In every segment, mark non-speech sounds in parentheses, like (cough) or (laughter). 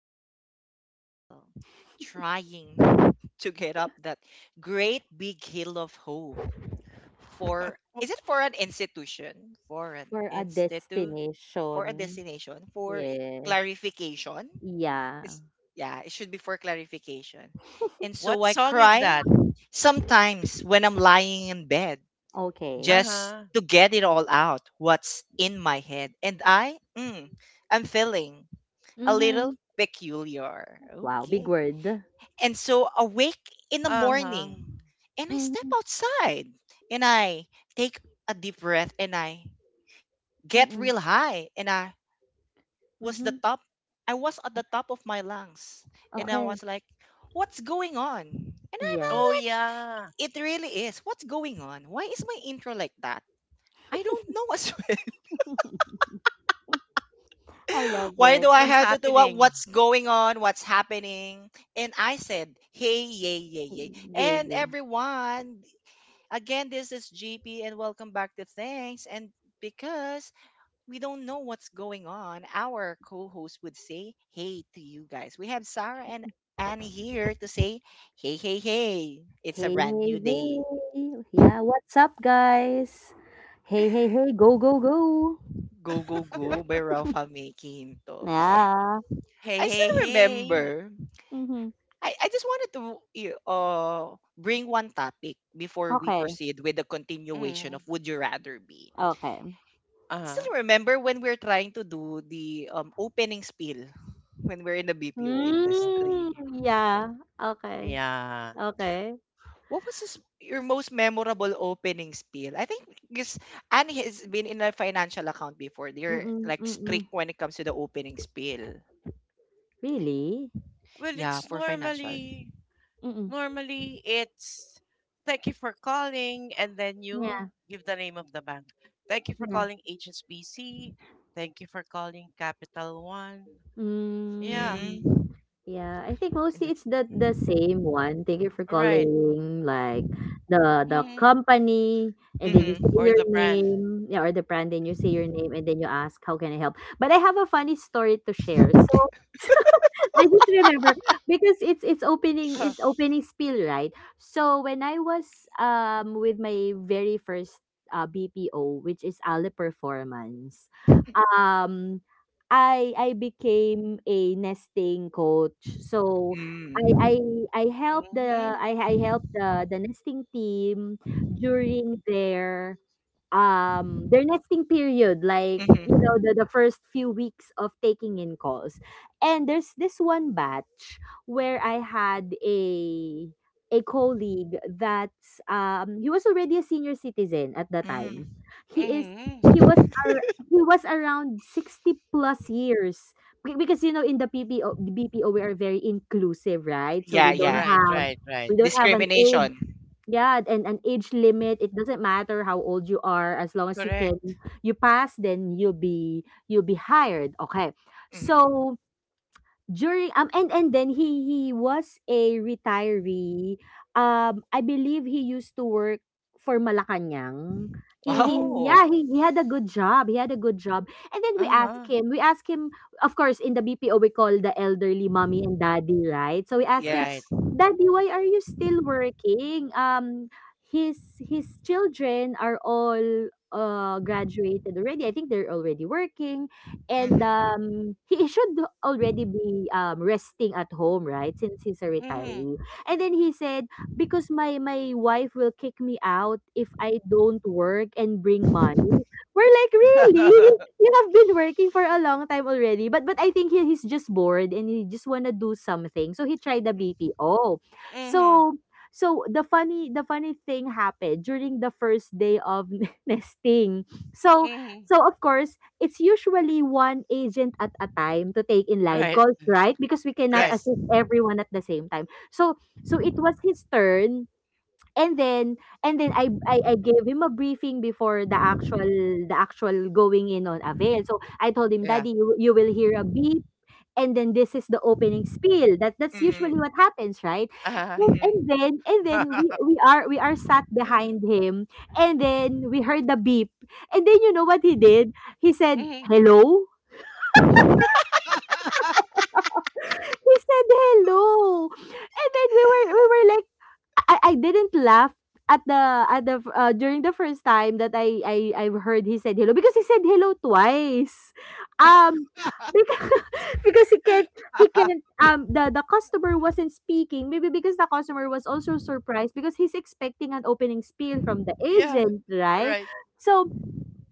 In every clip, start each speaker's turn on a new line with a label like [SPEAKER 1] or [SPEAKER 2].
[SPEAKER 1] and my life is still trying (laughs) to get up that great big hill of hope.
[SPEAKER 2] (laughs)
[SPEAKER 1] For
[SPEAKER 2] Well,
[SPEAKER 1] is it for an institution, for an
[SPEAKER 3] For a
[SPEAKER 1] institute, for a
[SPEAKER 3] destination.
[SPEAKER 1] destination, for
[SPEAKER 3] Yes.
[SPEAKER 1] clarification.
[SPEAKER 3] Yeah.
[SPEAKER 1] It's, yeah, it should be for clarification. And so
[SPEAKER 2] what
[SPEAKER 1] I
[SPEAKER 2] song is
[SPEAKER 1] cry
[SPEAKER 2] that?
[SPEAKER 1] sometimes when I'm lying in bed
[SPEAKER 3] Okay.
[SPEAKER 2] Uh
[SPEAKER 1] just
[SPEAKER 2] huh.
[SPEAKER 1] to get it all out what's in my head. And I'm feeling a little
[SPEAKER 3] Mm-hmm.
[SPEAKER 1] peculiar.
[SPEAKER 3] Wow, big
[SPEAKER 1] Okay.
[SPEAKER 3] word.
[SPEAKER 1] And so awake in the
[SPEAKER 2] Uh huh.
[SPEAKER 1] morning, and I step
[SPEAKER 3] Mm-hmm.
[SPEAKER 1] outside and I take a deep breath and I get
[SPEAKER 3] Mm-mm.
[SPEAKER 1] real high. And I was the
[SPEAKER 3] Mm-hmm.
[SPEAKER 1] top, I was at the top of my lungs. And I
[SPEAKER 3] Okay.
[SPEAKER 1] was like, what's going on? And
[SPEAKER 3] Yeah.
[SPEAKER 1] I'm
[SPEAKER 2] Oh
[SPEAKER 1] like,
[SPEAKER 2] yeah.
[SPEAKER 1] it really is. What's going on? Why is my intro like that? I don't know (laughs) as
[SPEAKER 3] I love
[SPEAKER 1] why
[SPEAKER 3] it.
[SPEAKER 1] do I
[SPEAKER 2] What's
[SPEAKER 1] have to do what?
[SPEAKER 2] happening?
[SPEAKER 1] What's going on? What's happening? And I said, hey, yay, yay, yay.
[SPEAKER 3] Yeah,
[SPEAKER 1] And
[SPEAKER 3] yeah.
[SPEAKER 1] everyone, again, this is GP and welcome back to Thanks. And because we don't know what's going on, our co host would say hey to you guys. We have Sarah and Annie here to say, hey, hey, hey, it's a
[SPEAKER 3] Hey,
[SPEAKER 1] brand
[SPEAKER 3] hey,
[SPEAKER 1] new day.
[SPEAKER 3] hey. Yeah, what's up, guys? Hey, hey, hey. Go, go, go.
[SPEAKER 1] Go, go, go by Ralph Making. I
[SPEAKER 3] Yeah.
[SPEAKER 2] Hey,
[SPEAKER 1] still
[SPEAKER 2] hey, hey.
[SPEAKER 1] remember.
[SPEAKER 3] Mm-hmm.
[SPEAKER 1] I just wanted to you, bring one topic before we
[SPEAKER 3] Okay.
[SPEAKER 1] proceed with the continuation of
[SPEAKER 2] Mm.
[SPEAKER 1] Would You Rather Be.
[SPEAKER 3] Okay.
[SPEAKER 2] uh
[SPEAKER 1] Still remember when we're trying to do the opening spiel when we're in the BPO
[SPEAKER 3] Mm,
[SPEAKER 1] industry.
[SPEAKER 3] yeah. Okay.
[SPEAKER 2] Yeah.
[SPEAKER 3] Okay.
[SPEAKER 1] What was this, your most memorable opening spiel? I think because Annie has been in a financial account before. They're
[SPEAKER 3] Mm-mm,
[SPEAKER 1] like
[SPEAKER 3] mm-mm.
[SPEAKER 1] strict when it comes to the opening spiel.
[SPEAKER 3] Really?
[SPEAKER 2] Well,
[SPEAKER 1] Yeah,
[SPEAKER 2] it's
[SPEAKER 1] for financial.
[SPEAKER 2] normally
[SPEAKER 3] Mm-mm.
[SPEAKER 2] normally, it's thank you for calling, and then
[SPEAKER 3] Yeah.
[SPEAKER 2] you give the name of the bank. Thank you for
[SPEAKER 3] Yeah.
[SPEAKER 2] calling HSBC. Thank you for calling Capital One. Yeah,
[SPEAKER 3] Mm,
[SPEAKER 1] Mm.
[SPEAKER 3] yeah, I think
[SPEAKER 1] And
[SPEAKER 3] mostly it's
[SPEAKER 1] that's,
[SPEAKER 3] the same one. Thank you for
[SPEAKER 2] all right.
[SPEAKER 3] calling, like the
[SPEAKER 2] Mm.
[SPEAKER 3] company, and then you
[SPEAKER 1] mm-hmm.
[SPEAKER 3] say
[SPEAKER 2] Or
[SPEAKER 3] your
[SPEAKER 2] the brand.
[SPEAKER 3] name, yeah, or the brand, then you say your name, and then you ask, "How can I help?" But I have a funny story to share. So I just remember because it's
[SPEAKER 2] (laughs)
[SPEAKER 3] opening spiel, right? So when I was with my very first BPO, which is Ale Performance, um I became a nesting coach. So I
[SPEAKER 1] Mm.
[SPEAKER 3] I I help the
[SPEAKER 2] Mhm,
[SPEAKER 3] I help the nesting team during their nesting period, like
[SPEAKER 1] Mm-hmm.
[SPEAKER 3] the first few weeks of taking in calls. And there's this one batch where I had a colleague that's he was already a senior citizen at the
[SPEAKER 1] Mm.
[SPEAKER 3] time. He is
[SPEAKER 2] mhm.
[SPEAKER 3] he was
[SPEAKER 1] (laughs)
[SPEAKER 3] ar- He was around 60 plus years. Because you know, in the PPO, the BPO, we are very inclusive, right? So
[SPEAKER 1] Yeah, yeah.
[SPEAKER 2] Right, right, right.
[SPEAKER 3] we don't have an age,
[SPEAKER 1] Discrimination.
[SPEAKER 3] yeah, and an age limit. It doesn't matter how old you are, as long as you can
[SPEAKER 2] Correct.
[SPEAKER 3] you pass, then you'll be hired. Okay.
[SPEAKER 1] Hmm.
[SPEAKER 3] So during and then he was a retiree. I believe he used to work for Malacanang. He
[SPEAKER 1] Wow. (laughs)
[SPEAKER 2] Oh,
[SPEAKER 3] yeah, he had a good job. He had a good job. And then
[SPEAKER 2] uh-huh.
[SPEAKER 3] we asked him, of course in the BPO we call the elderly mommy and daddy, right? So we asked him,
[SPEAKER 2] Right.
[SPEAKER 1] Yes.
[SPEAKER 3] "Daddy, why are you still working?" His children are all graduated already. I think they're already working and
[SPEAKER 1] Hmm.
[SPEAKER 3] he should already be resting at home, right? Since he's a
[SPEAKER 2] mm
[SPEAKER 3] retiree. And then he said, because my wife will kick me out if I don't work and bring money. We're like, really? You have been working for a long time already. But I think he, he's just bored and he just wanna do something. So he tried the BPO.
[SPEAKER 2] Mhm,
[SPEAKER 3] So the funny thing happened during the first day of (laughs) nesting.
[SPEAKER 2] mhm,
[SPEAKER 3] So
[SPEAKER 2] mhm.
[SPEAKER 3] so of course it's usually one agent at a time to take in
[SPEAKER 2] (laughs)
[SPEAKER 3] live
[SPEAKER 2] Right,
[SPEAKER 3] calls, right? Because we cannot
[SPEAKER 2] right.
[SPEAKER 1] Yes.
[SPEAKER 3] assist everyone at the same time. So so it was his turn. And then I gave him a briefing before the actual going in on avail. So I told him,
[SPEAKER 2] Yeah.
[SPEAKER 3] Daddy, you will hear a beep, and then this is the opening spiel that that's usually what
[SPEAKER 1] Hmm.
[SPEAKER 3] happens, right?
[SPEAKER 2] Uh-huh.
[SPEAKER 3] and,
[SPEAKER 1] Hmm.
[SPEAKER 3] and then and then we
[SPEAKER 2] (laughs)
[SPEAKER 3] we are we are sat behind him, and then we heard the beep. And then you know what he did, he said
[SPEAKER 2] Mhm.
[SPEAKER 3] hello.
[SPEAKER 2] (laughs)
[SPEAKER 3] He said hello, and then we were like I didn't laugh at the during the first time that I heard he said hello, because he said hello twice. Um because, (laughs) because he can't the customer wasn't speaking maybe because the customer was also surprised because he's expecting an opening spiel from the
[SPEAKER 2] Yeah,
[SPEAKER 3] agent, right?
[SPEAKER 2] right.
[SPEAKER 3] So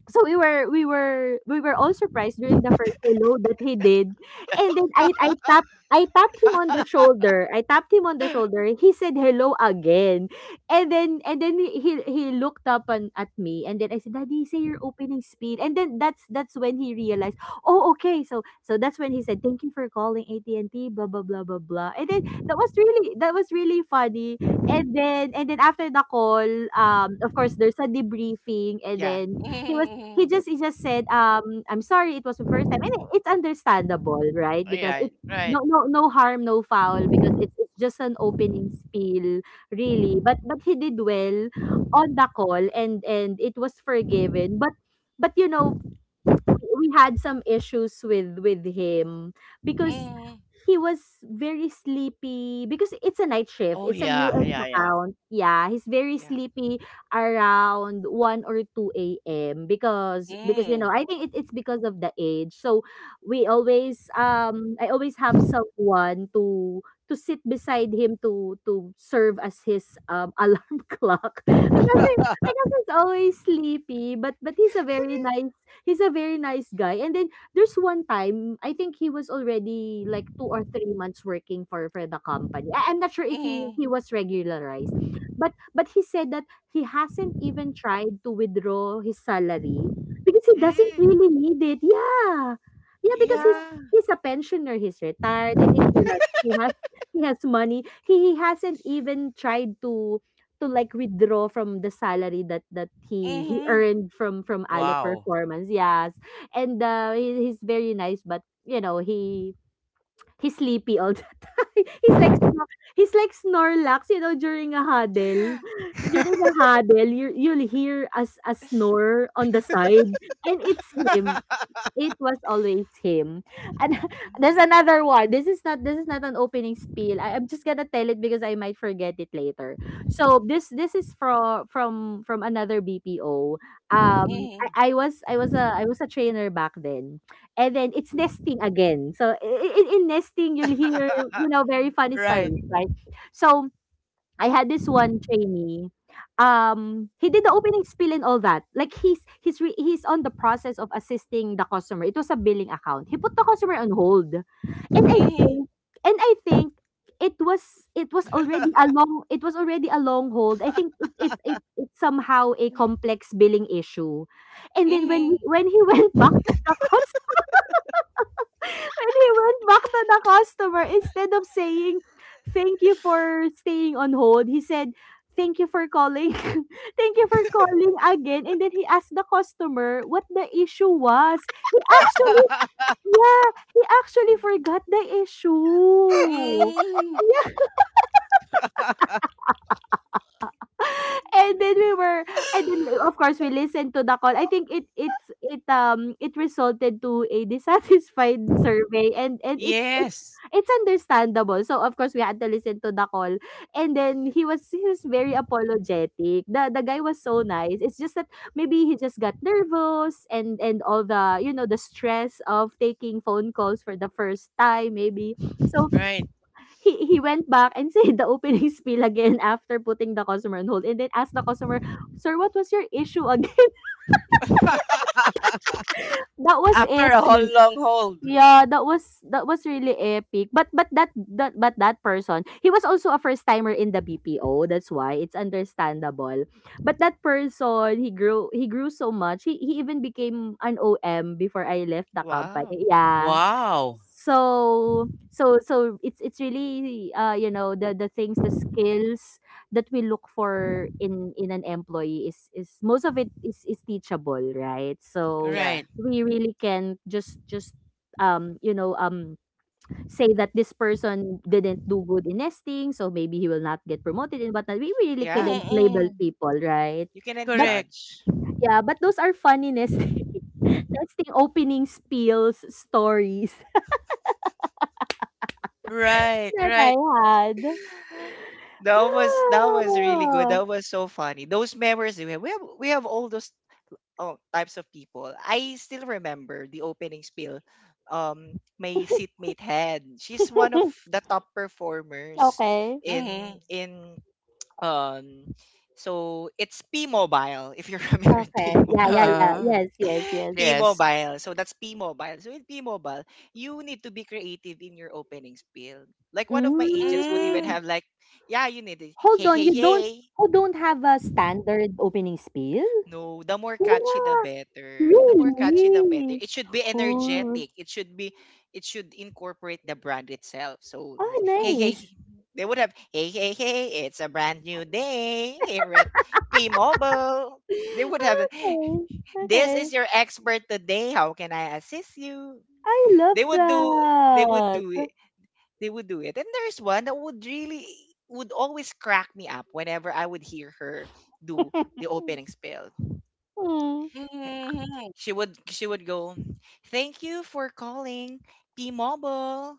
[SPEAKER 3] we were all surprised during the first hello that he did. And then
[SPEAKER 2] (laughs)
[SPEAKER 3] I tapped him on the shoulder. I tapped him on the shoulder. He said hello again. And then he looked up on, at me, and then I said, "Daddy, say your opening speed." And then that's when he realized, "Oh, okay." So so that's when he said, "Thank you for calling AT&T blah blah blah blah blah." And then that was really funny. And then after the call, of course there's a debriefing, and
[SPEAKER 1] Yeah.
[SPEAKER 3] then he was he
[SPEAKER 2] Mhm.
[SPEAKER 3] just said, "I'm sorry, it was the first time," and it- it's understandable, right? Because
[SPEAKER 2] Right,
[SPEAKER 3] it's
[SPEAKER 2] right.
[SPEAKER 3] no no no harm, no foul, because it's just an opening spiel, really. But he did well on the call, and it was forgiven. But you know we had some issues with him because
[SPEAKER 2] Mhm.
[SPEAKER 3] he was very sleepy because it's a night shift.
[SPEAKER 2] Oh
[SPEAKER 3] It's a
[SPEAKER 2] yeah,
[SPEAKER 3] US
[SPEAKER 2] yeah, yeah.
[SPEAKER 3] account. Yeah, he's very
[SPEAKER 1] Yeah.
[SPEAKER 3] sleepy around 1 or 2 a.m. Because you
[SPEAKER 2] Mhm,
[SPEAKER 3] know, I think it, it's because of the age. So we always I always have someone to sit beside him to serve as his (laughs) alarm clock (laughs) because he, because he's always sleepy, but he's a very nice guy. And then there's one time I think he was already like 2 or 3 months working for the company. I, I'm not sure if he
[SPEAKER 2] mhm.
[SPEAKER 3] he was regularized, but he said that he hasn't even tried to withdraw his salary because he doesn't
[SPEAKER 1] Mm.
[SPEAKER 3] really need it. Yeah, yeah, because
[SPEAKER 1] Wow.
[SPEAKER 2] Yeah.
[SPEAKER 3] he's a pensioner. He's retired. I think he has money. He hasn't even tried to like withdraw from the salary that that he
[SPEAKER 2] Mhm.
[SPEAKER 3] earned from Ale
[SPEAKER 2] Wow.
[SPEAKER 3] performance. Yes, and he, he's very nice, but you know he's sleepy all the (laughs) time. He's like snor- he's like Snorlax, you know, during a huddle.
[SPEAKER 1] (laughs)
[SPEAKER 3] During a huddle, you you'll hear a, s- a snore on the side, and it's him,
[SPEAKER 2] (laughs)
[SPEAKER 3] it was always him. And (laughs) there's another one. This is not an opening spiel. I, I'm just gonna tell it because I might forget it later. So this is from another BPO. Um
[SPEAKER 2] Mhm.
[SPEAKER 3] I, I was a trainer back then. And then it's nesting again. So in nesting you'll hear, you
[SPEAKER 2] (laughs)
[SPEAKER 3] know, very funny
[SPEAKER 2] Right.
[SPEAKER 3] stories, right? So I had this one trainee. He did the opening spiel and all that. Like he's on the process of assisting the customer. It was a billing account. He put the customer on hold, and I
[SPEAKER 2] Mhm.
[SPEAKER 3] think and I think it was already a long hold. I think it it's somehow a complex billing issue, and then
[SPEAKER 2] Mhm.
[SPEAKER 3] when he (laughs) went back to when he went back to the customer, instead of saying, "Thank you for staying on hold," he said, "Thank you for calling. (laughs) Thank you for calling again." And then he asked the customer what the issue was. He actually,
[SPEAKER 2] (laughs)
[SPEAKER 3] yeah, he actually forgot the issue.
[SPEAKER 2] Mm.
[SPEAKER 3] And then we were and then we- of course we listened to the call. I think it it's it it resulted to a (laughs) dissatisfied survey, and
[SPEAKER 2] Yes.
[SPEAKER 3] it's understandable. So of course we had to listen to the call. And then he was very apologetic. The guy was so nice. It's just that maybe he just got nervous and all the you know the stress of taking phone calls for the first time maybe. So
[SPEAKER 2] Right.
[SPEAKER 3] he went back and (laughs) said the opening (laughs) spiel again after putting the customer on hold and then asked the customer, "Sir, what was your issue again?" (laughs)
[SPEAKER 2] (laughs)
[SPEAKER 3] That was
[SPEAKER 2] After a whole
[SPEAKER 3] epic.
[SPEAKER 2] long hold.
[SPEAKER 3] Yeah, that was really epic. But that person, he was also a first timer in the BPO. That's why it's understandable. But that person, he grew so much. He even became an OM before I left the
[SPEAKER 1] Wow.
[SPEAKER 3] company. Yeah.
[SPEAKER 2] Wow.
[SPEAKER 3] So it's really you know the things the skills that we look for in an employee is most of it is teachable, right? So
[SPEAKER 1] Yeah.
[SPEAKER 2] Right.
[SPEAKER 3] we really can just um you know um say that this person didn't do good in nesting, so maybe he will not get promoted and whatnot. We really
[SPEAKER 1] Yeah.
[SPEAKER 3] couldn't label
[SPEAKER 2] Mm-mm.
[SPEAKER 3] people, right?
[SPEAKER 1] You cannot
[SPEAKER 3] But
[SPEAKER 2] Correct.
[SPEAKER 1] judge.
[SPEAKER 3] yeah, but those are funny nesting (laughs) nesting opening spills stories
[SPEAKER 2] Right.
[SPEAKER 3] (laughs) that I
[SPEAKER 2] Right.
[SPEAKER 3] had.
[SPEAKER 1] That was, that was really good.
[SPEAKER 3] Oh.
[SPEAKER 1] That was so funny. Those memories we have, we have all those, oh, types of people. I still remember the opening spiel. My seatmate Hen. She's one of
[SPEAKER 3] (laughs)
[SPEAKER 1] the top performers
[SPEAKER 3] Okay.
[SPEAKER 1] in
[SPEAKER 2] Mhm.
[SPEAKER 1] in um. So it's P Mobile. If you're (laughs) familiar with P
[SPEAKER 3] Okay.
[SPEAKER 1] Mobile.
[SPEAKER 3] Yeah, yeah, yeah.
[SPEAKER 2] Uh,
[SPEAKER 3] Yes, yes, yes.
[SPEAKER 1] P
[SPEAKER 2] yes.
[SPEAKER 1] Mobile. So that's P Mobile. So in P Mobile, you need to be creative in your opening spiel. Like one of my agents would even
[SPEAKER 3] Mm.
[SPEAKER 2] Mm.
[SPEAKER 1] have like, yeah, you need to
[SPEAKER 3] Hold
[SPEAKER 1] hey
[SPEAKER 3] on,
[SPEAKER 1] hey
[SPEAKER 3] you don't
[SPEAKER 1] hey.
[SPEAKER 3] have a standard opening spiel?
[SPEAKER 1] No, the more catchy the
[SPEAKER 3] Wow,
[SPEAKER 1] better. The more catchy the better.
[SPEAKER 3] really?
[SPEAKER 1] It should be
[SPEAKER 3] Cool.
[SPEAKER 1] energetic. It should incorporate the brand itself. So
[SPEAKER 3] Oh, ah,
[SPEAKER 1] hey
[SPEAKER 2] Mhm.
[SPEAKER 1] hey
[SPEAKER 3] nice.
[SPEAKER 1] hey, they would have hey hey hey it's a brand new day here at P-Mobile. They would have
[SPEAKER 3] (laughs) Okay.
[SPEAKER 1] this
[SPEAKER 3] Okay.
[SPEAKER 1] is your expert today. How can I assist you?
[SPEAKER 3] I
[SPEAKER 1] They
[SPEAKER 3] love
[SPEAKER 1] would do they would do
[SPEAKER 3] that.
[SPEAKER 1] it. They would do it. And there's one that would really would always crack me up whenever I would hear her do the
[SPEAKER 3] (laughs)
[SPEAKER 1] opening spiel.
[SPEAKER 3] Hmm.
[SPEAKER 2] Mhm.
[SPEAKER 1] She would go thank you for calling p-mobile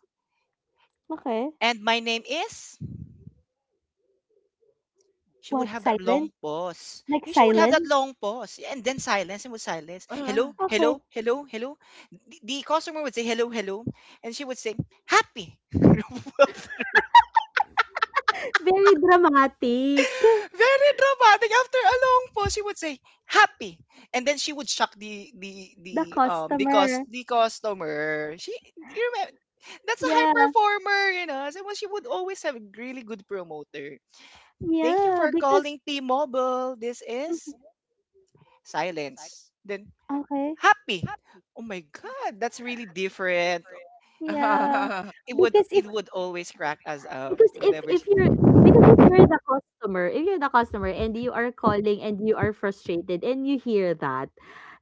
[SPEAKER 3] Okay.
[SPEAKER 1] and my name is, she would
[SPEAKER 3] What?
[SPEAKER 1] have that long
[SPEAKER 3] Silence?
[SPEAKER 1] pause.
[SPEAKER 3] Like
[SPEAKER 1] Yeah, she would have that
[SPEAKER 3] silence?
[SPEAKER 1] long pause, yeah, and then silence and would silence
[SPEAKER 2] Uh.
[SPEAKER 1] hello
[SPEAKER 3] Okay.
[SPEAKER 1] hello hello hello. The customer would say hello hello and she would say happy. (laughs)
[SPEAKER 3] (laughs) Very dramatic.
[SPEAKER 1] (laughs) Very dramatic. After a long pause, she would say happy, and then she would shock the
[SPEAKER 3] The
[SPEAKER 1] because
[SPEAKER 3] customer.
[SPEAKER 1] the the customer. She, you remember, that's a high
[SPEAKER 3] Yeah.
[SPEAKER 1] performer, you know. So well, she would always have a really good promoter. Thank you
[SPEAKER 3] Yeah,
[SPEAKER 1] for
[SPEAKER 3] because
[SPEAKER 1] calling T-Mobile. This is
[SPEAKER 3] mhm,
[SPEAKER 1] silence. Then
[SPEAKER 3] okay.
[SPEAKER 1] happy. Oh my god, that's really different.
[SPEAKER 3] Yeah,
[SPEAKER 2] (laughs)
[SPEAKER 1] It would,
[SPEAKER 3] because if
[SPEAKER 1] it would always crack us up whenever
[SPEAKER 3] if
[SPEAKER 1] she,
[SPEAKER 3] you're because if you're the customer, if you're the customer and you are calling and you are frustrated and you hear that,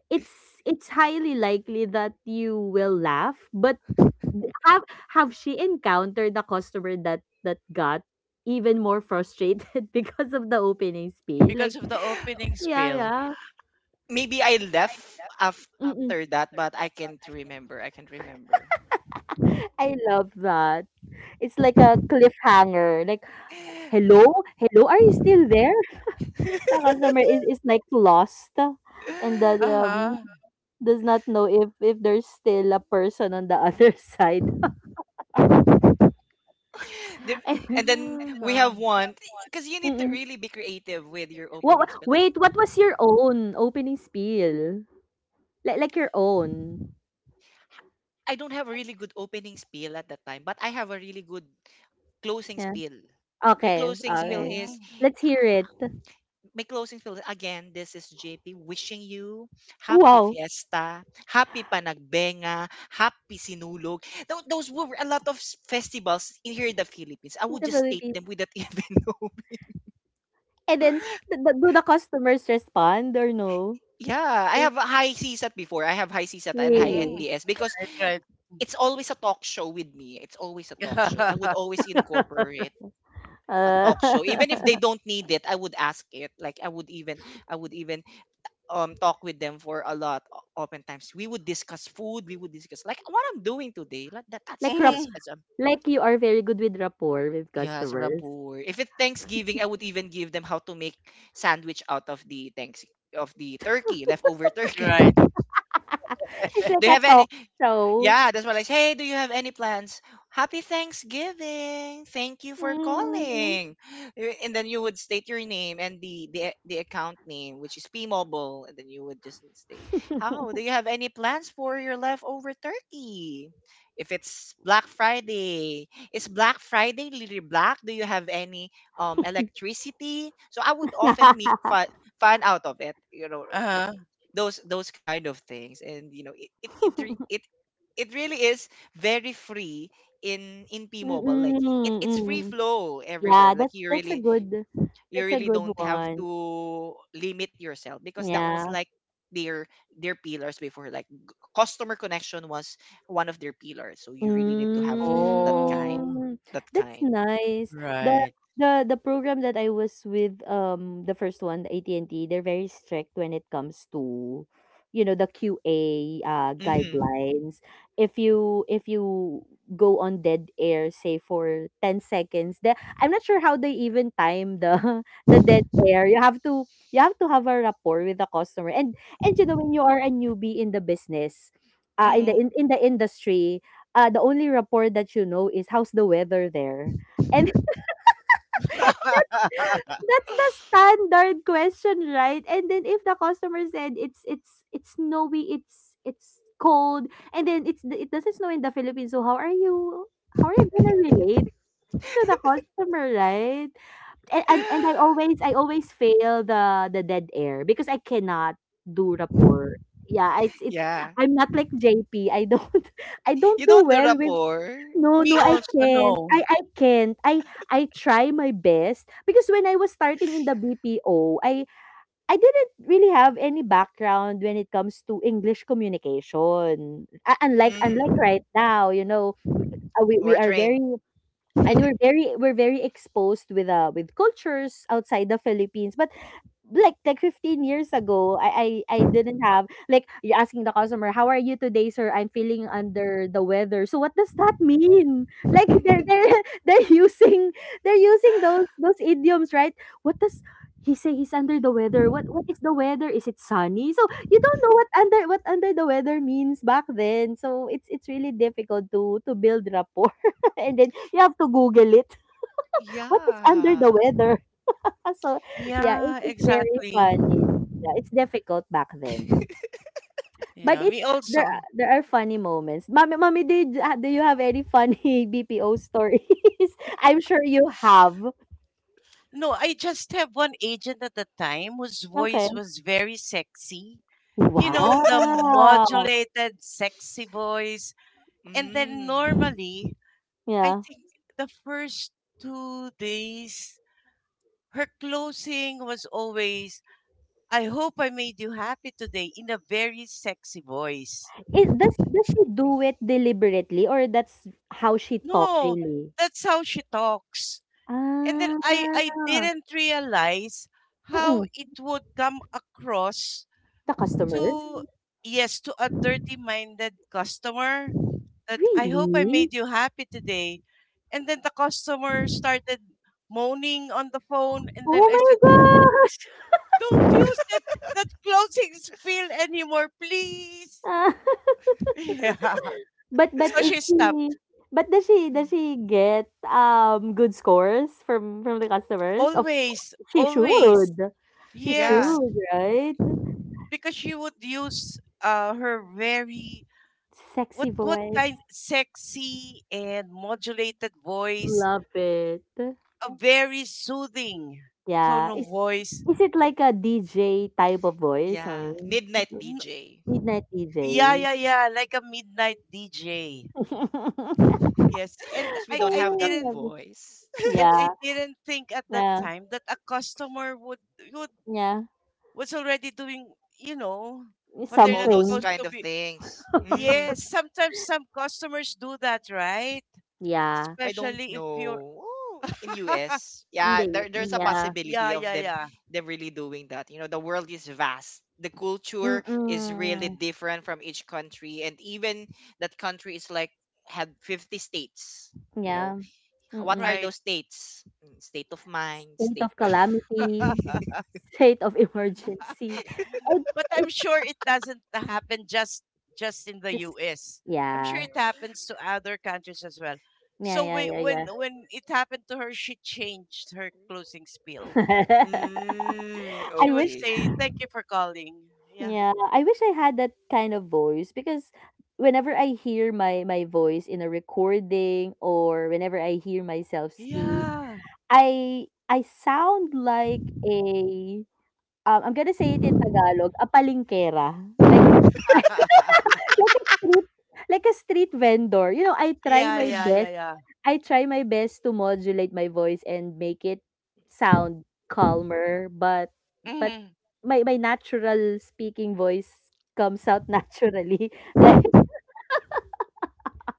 [SPEAKER 3] it's highly likely that you will laugh. But have she encountered the customer that that got even more frustrated (laughs) because of the opening speech?
[SPEAKER 2] Because
[SPEAKER 3] Like,
[SPEAKER 2] of the opening
[SPEAKER 3] yeah,
[SPEAKER 2] spill.
[SPEAKER 3] yeah.
[SPEAKER 1] maybe I left
[SPEAKER 3] Mm-mm.
[SPEAKER 1] after that, but I can't remember. I can't remember.
[SPEAKER 3] I love that. It's like a cliffhanger, like
[SPEAKER 1] (laughs)
[SPEAKER 3] hello? Hello? Are you still there? (laughs) The customer is like lost and that
[SPEAKER 2] Uh-huh. (gasps)
[SPEAKER 3] does not know if there's still a person on the other (laughs) side.
[SPEAKER 1] The-
[SPEAKER 3] And,
[SPEAKER 1] and then we
[SPEAKER 2] Uh-huh.
[SPEAKER 1] have one because you need to
[SPEAKER 3] mm-mm.
[SPEAKER 1] really be creative with your opening spiel. And
[SPEAKER 3] Wait, what was your own opening spiel? Like your own.
[SPEAKER 1] I don't have a really good opening spiel at that time, but I have a really good closing
[SPEAKER 3] Yeah.
[SPEAKER 1] spiel. My
[SPEAKER 3] Okay.
[SPEAKER 1] closing spiel
[SPEAKER 3] Okay.
[SPEAKER 1] is,
[SPEAKER 2] Mhm.
[SPEAKER 3] Let's hear it.
[SPEAKER 1] my closing philosophy, again, this is JP wishing you happy
[SPEAKER 3] Wow.
[SPEAKER 1] fiesta, happy panagbenga, happy sinulog. Those were a lot of festivals in here in the Philippines. I
[SPEAKER 3] In
[SPEAKER 1] would
[SPEAKER 3] the
[SPEAKER 1] just state
[SPEAKER 3] Philippines.
[SPEAKER 1] them without (laughs) even know.
[SPEAKER 3] And then do the customers respond or no?
[SPEAKER 1] Yeah, I have a high CSAT before. I have high CSAT and high
[SPEAKER 2] Mhm.
[SPEAKER 3] Really?
[SPEAKER 1] NPS because
[SPEAKER 2] Right, right.
[SPEAKER 1] it's always a talk show with me. It's always a talk show. I
[SPEAKER 2] (laughs)
[SPEAKER 1] would always incorporate a
[SPEAKER 3] Uh,
[SPEAKER 1] talk show even if they don't need it. I would ask it. Like I would even talk with them for a lot oftentimes. We would discuss food, we would discuss like what I'm doing today. Like that,
[SPEAKER 3] (laughs)
[SPEAKER 1] that's
[SPEAKER 3] like
[SPEAKER 2] Mhm.
[SPEAKER 1] that's a,
[SPEAKER 3] Like you are very good with rapport with
[SPEAKER 1] yeah, it's a
[SPEAKER 3] customers.
[SPEAKER 1] rapport. If it's Thanksgiving, I would even give them how to make sandwich out of the thanks of the turkey, leftover turkey. (laughs) Do
[SPEAKER 2] Right.
[SPEAKER 3] (laughs) It's like
[SPEAKER 1] you
[SPEAKER 3] a
[SPEAKER 1] have any,
[SPEAKER 3] talk show.
[SPEAKER 1] yeah, that's what I say. Hey, do you have any plans? Happy Thanksgiving. Thank you for
[SPEAKER 3] Mm.
[SPEAKER 1] calling. Eh, and then you would state your name and the account name, which is P-Mobile, and then you would just state, "How do you have any plans for your leftover turkey? If it's Black Friday, is Black Friday really black? Do you have any electricity?" So I would often make
[SPEAKER 3] (laughs)
[SPEAKER 1] fun, fun out of it, you know,
[SPEAKER 2] Uh-huh.
[SPEAKER 1] those kind of things. And you know it it it really is very free in
[SPEAKER 3] Mm,
[SPEAKER 1] P-Mobile. Like
[SPEAKER 3] mm,
[SPEAKER 1] it, it's
[SPEAKER 3] mm.
[SPEAKER 1] free
[SPEAKER 3] (laughs)
[SPEAKER 1] flow everywhere.
[SPEAKER 3] Yeah,
[SPEAKER 1] Like
[SPEAKER 3] that's
[SPEAKER 1] you
[SPEAKER 3] that's a
[SPEAKER 1] really,
[SPEAKER 3] good
[SPEAKER 1] you
[SPEAKER 3] that's a
[SPEAKER 1] really
[SPEAKER 3] good
[SPEAKER 1] don't have
[SPEAKER 3] one.
[SPEAKER 1] to limit yourself because that was
[SPEAKER 3] Yeah.
[SPEAKER 1] like their their pillars before. Like customer connection was one of their pillars, so you really need to have that kind
[SPEAKER 2] Oh,
[SPEAKER 3] Mm,
[SPEAKER 1] that
[SPEAKER 3] that's
[SPEAKER 1] kind
[SPEAKER 3] nice. The
[SPEAKER 2] right.
[SPEAKER 3] the program that I was with, the first one, the AT&T, they're very strict when it comes to, you know, the QA
[SPEAKER 1] Hmm.
[SPEAKER 3] guidelines. If you go on dead air, say for 10 seconds, the I'm not sure how they even time the (laughs) the dead air. You have to have a rapport with the customer. And you know when you are a newbie in the business, in
[SPEAKER 2] Mm-hmm.
[SPEAKER 3] in the industry, the only rapport that you know is how's the weather there? And (laughs)
[SPEAKER 2] (laughs)
[SPEAKER 3] that's the standard question, right? And then if the customer said it's it's snowy, it's cold, and then it doesn't snow in the Philippines, so how are you gonna relate to the customer, right? And
[SPEAKER 1] (sighs) (laughs)
[SPEAKER 3] I always fail the dead air because I cannot do rapport. Yeah, it's
[SPEAKER 1] Yeah,
[SPEAKER 3] I'm not like JP. I don't (laughs) I don't
[SPEAKER 1] you
[SPEAKER 3] do
[SPEAKER 1] don't do
[SPEAKER 3] well with
[SPEAKER 1] rapport.
[SPEAKER 3] no, no,
[SPEAKER 2] Me
[SPEAKER 3] I
[SPEAKER 2] also,
[SPEAKER 3] can't.
[SPEAKER 2] no.
[SPEAKER 3] I can't. I try my best because when I was starting in the BPO, I didn't really have any background when it comes to English communication. Unlike
[SPEAKER 1] Mm.
[SPEAKER 3] right now, you know, we
[SPEAKER 1] We're
[SPEAKER 3] are
[SPEAKER 1] trained.
[SPEAKER 3] very and we're very exposed with cultures outside the Philippines. But like 15 years ago I didn't have, like, you're asking the customer, how are you today, sir? I'm feeling under the weather. So what does that mean? (laughs) Like they're (laughs) they're using those
[SPEAKER 1] (laughs)
[SPEAKER 3] idioms, right? What does he say? He's under the weather. What is the weather? Is it sunny? So you don't know what under the weather means back then, so it's really difficult to build rapport. (laughs) And then you have to google it. (laughs) What is under the
[SPEAKER 1] Yeah.
[SPEAKER 3] weather? (laughs) So, yeah,
[SPEAKER 2] Yeah,
[SPEAKER 3] it's very
[SPEAKER 2] exactly.
[SPEAKER 3] funny. Yeah, it's difficult back then. But
[SPEAKER 2] Yeah,
[SPEAKER 3] it
[SPEAKER 2] me also.
[SPEAKER 3] there are funny moments. Mommy, mommy, did do you have any funny (laughs) BPO stories? (laughs) I'm sure you have.
[SPEAKER 2] No, I just have one agent at the time whose
[SPEAKER 3] Okay.
[SPEAKER 2] voice was very sexy. You know, the
[SPEAKER 3] Wow.
[SPEAKER 2] modulated sexy voice. And then
[SPEAKER 1] Mm.
[SPEAKER 2] normally, I
[SPEAKER 3] Yeah.
[SPEAKER 2] think the first 2 days, her closing was always I hope I made you happy today, in a very sexy voice.
[SPEAKER 3] It, does she do it deliberately, or that's how she talk
[SPEAKER 2] No,
[SPEAKER 3] really?
[SPEAKER 2] that's how she talks. And then I
[SPEAKER 3] Ah.
[SPEAKER 2] didn't realize how
[SPEAKER 3] Mm-mm.
[SPEAKER 2] it would come across
[SPEAKER 3] The customers?
[SPEAKER 2] to, yes, to a dirty minded customer that I hope I
[SPEAKER 3] Really?
[SPEAKER 2] made you happy today. And then the customer started moaning on the phone. And then
[SPEAKER 3] Oh
[SPEAKER 2] I said,
[SPEAKER 3] my gosh.
[SPEAKER 2] don't use that, that closing spiel anymore, please. (laughs)
[SPEAKER 3] (laughs)
[SPEAKER 2] Yeah.
[SPEAKER 3] But
[SPEAKER 2] So
[SPEAKER 3] is
[SPEAKER 2] she
[SPEAKER 3] she
[SPEAKER 2] stopped.
[SPEAKER 3] but does she get good scores from the customers? Of
[SPEAKER 2] Always,
[SPEAKER 3] she
[SPEAKER 2] always.
[SPEAKER 3] should. She
[SPEAKER 1] Yeah,
[SPEAKER 2] Yes,
[SPEAKER 3] should, right?
[SPEAKER 2] because she would use her very what
[SPEAKER 3] Sexy
[SPEAKER 2] what kind
[SPEAKER 3] voice.
[SPEAKER 2] sexy and modulated voice,
[SPEAKER 3] Love it.
[SPEAKER 2] a very soothing tone
[SPEAKER 3] Yeah.
[SPEAKER 2] of voice.
[SPEAKER 3] Is it like a DJ type of voice? I
[SPEAKER 1] yeah.
[SPEAKER 3] mean
[SPEAKER 1] Midnight
[SPEAKER 2] N-
[SPEAKER 1] DJ.
[SPEAKER 3] midnight
[SPEAKER 2] Yeah,
[SPEAKER 3] DJ.
[SPEAKER 2] yeah, yeah, like a midnight DJ.
[SPEAKER 3] (laughs)
[SPEAKER 2] Yes, and
[SPEAKER 1] 'Cause we
[SPEAKER 2] I
[SPEAKER 1] don't
[SPEAKER 2] I
[SPEAKER 1] have that
[SPEAKER 2] didn't
[SPEAKER 1] voice. (laughs)
[SPEAKER 2] and
[SPEAKER 3] yeah.
[SPEAKER 2] I didn't think at that
[SPEAKER 3] Yeah.
[SPEAKER 2] time that a customer would
[SPEAKER 3] Yeah.
[SPEAKER 2] was already doing, you know, what they're
[SPEAKER 1] All
[SPEAKER 2] not
[SPEAKER 1] those
[SPEAKER 3] Something.
[SPEAKER 2] supposed
[SPEAKER 1] kind
[SPEAKER 2] to
[SPEAKER 1] of
[SPEAKER 2] be.
[SPEAKER 1] things. Mm.
[SPEAKER 2] Yes, sometimes some customers do that, right?
[SPEAKER 3] Yeah.
[SPEAKER 1] I don't
[SPEAKER 2] Especially if you're
[SPEAKER 1] know. Oh, in
[SPEAKER 2] (laughs)
[SPEAKER 1] US, yeah,
[SPEAKER 3] Hindi.
[SPEAKER 1] there, there's a
[SPEAKER 3] Yeah.
[SPEAKER 2] yeah,
[SPEAKER 1] possibility
[SPEAKER 2] yeah,
[SPEAKER 1] of them,
[SPEAKER 2] yeah.
[SPEAKER 1] them really doing that. You know, the world is vast. The culture is really
[SPEAKER 3] Mm-mm.
[SPEAKER 1] different from each country, and even that country is like had 50 states. You know,
[SPEAKER 3] Yeah.
[SPEAKER 1] what are
[SPEAKER 3] Mm-mm.
[SPEAKER 2] Right.
[SPEAKER 1] those states? Mm, state of mind,
[SPEAKER 3] State
[SPEAKER 1] state
[SPEAKER 3] of
[SPEAKER 1] of,
[SPEAKER 3] calamity,
[SPEAKER 2] (laughs)
[SPEAKER 3] state of (laughs) emergency. And
[SPEAKER 2] But I'm
[SPEAKER 3] it's
[SPEAKER 2] sure it doesn't happen just in the
[SPEAKER 3] just
[SPEAKER 2] US. I'm sure
[SPEAKER 3] yeah.
[SPEAKER 2] it Mhm. happens to other countries as well.
[SPEAKER 3] Yeah,
[SPEAKER 2] So
[SPEAKER 3] yeah,
[SPEAKER 2] we,
[SPEAKER 3] yeah, yeah.
[SPEAKER 2] when it happened to her, she changed her closing spiel.
[SPEAKER 3] (laughs)
[SPEAKER 1] mm,
[SPEAKER 3] I
[SPEAKER 2] She would
[SPEAKER 3] wish
[SPEAKER 1] okay.
[SPEAKER 2] say, "Thank you for calling." Yeah,
[SPEAKER 3] yeah, I wish I had that kind of voice because whenever I hear my my voice in a recording or whenever I hear myself speak,
[SPEAKER 2] yeah,
[SPEAKER 3] I sound like a I'm gonna say it in Tagalog, a palingkera. Like
[SPEAKER 2] (laughs)
[SPEAKER 3] (laughs) like a street like a street vendor. You know,
[SPEAKER 2] yeah, yeah, yeah, yeah.
[SPEAKER 3] I try my best to modulate my voice and make it sound calmer, but
[SPEAKER 2] Mhm.
[SPEAKER 3] my natural speaking voice comes out (laughs) naturally. Like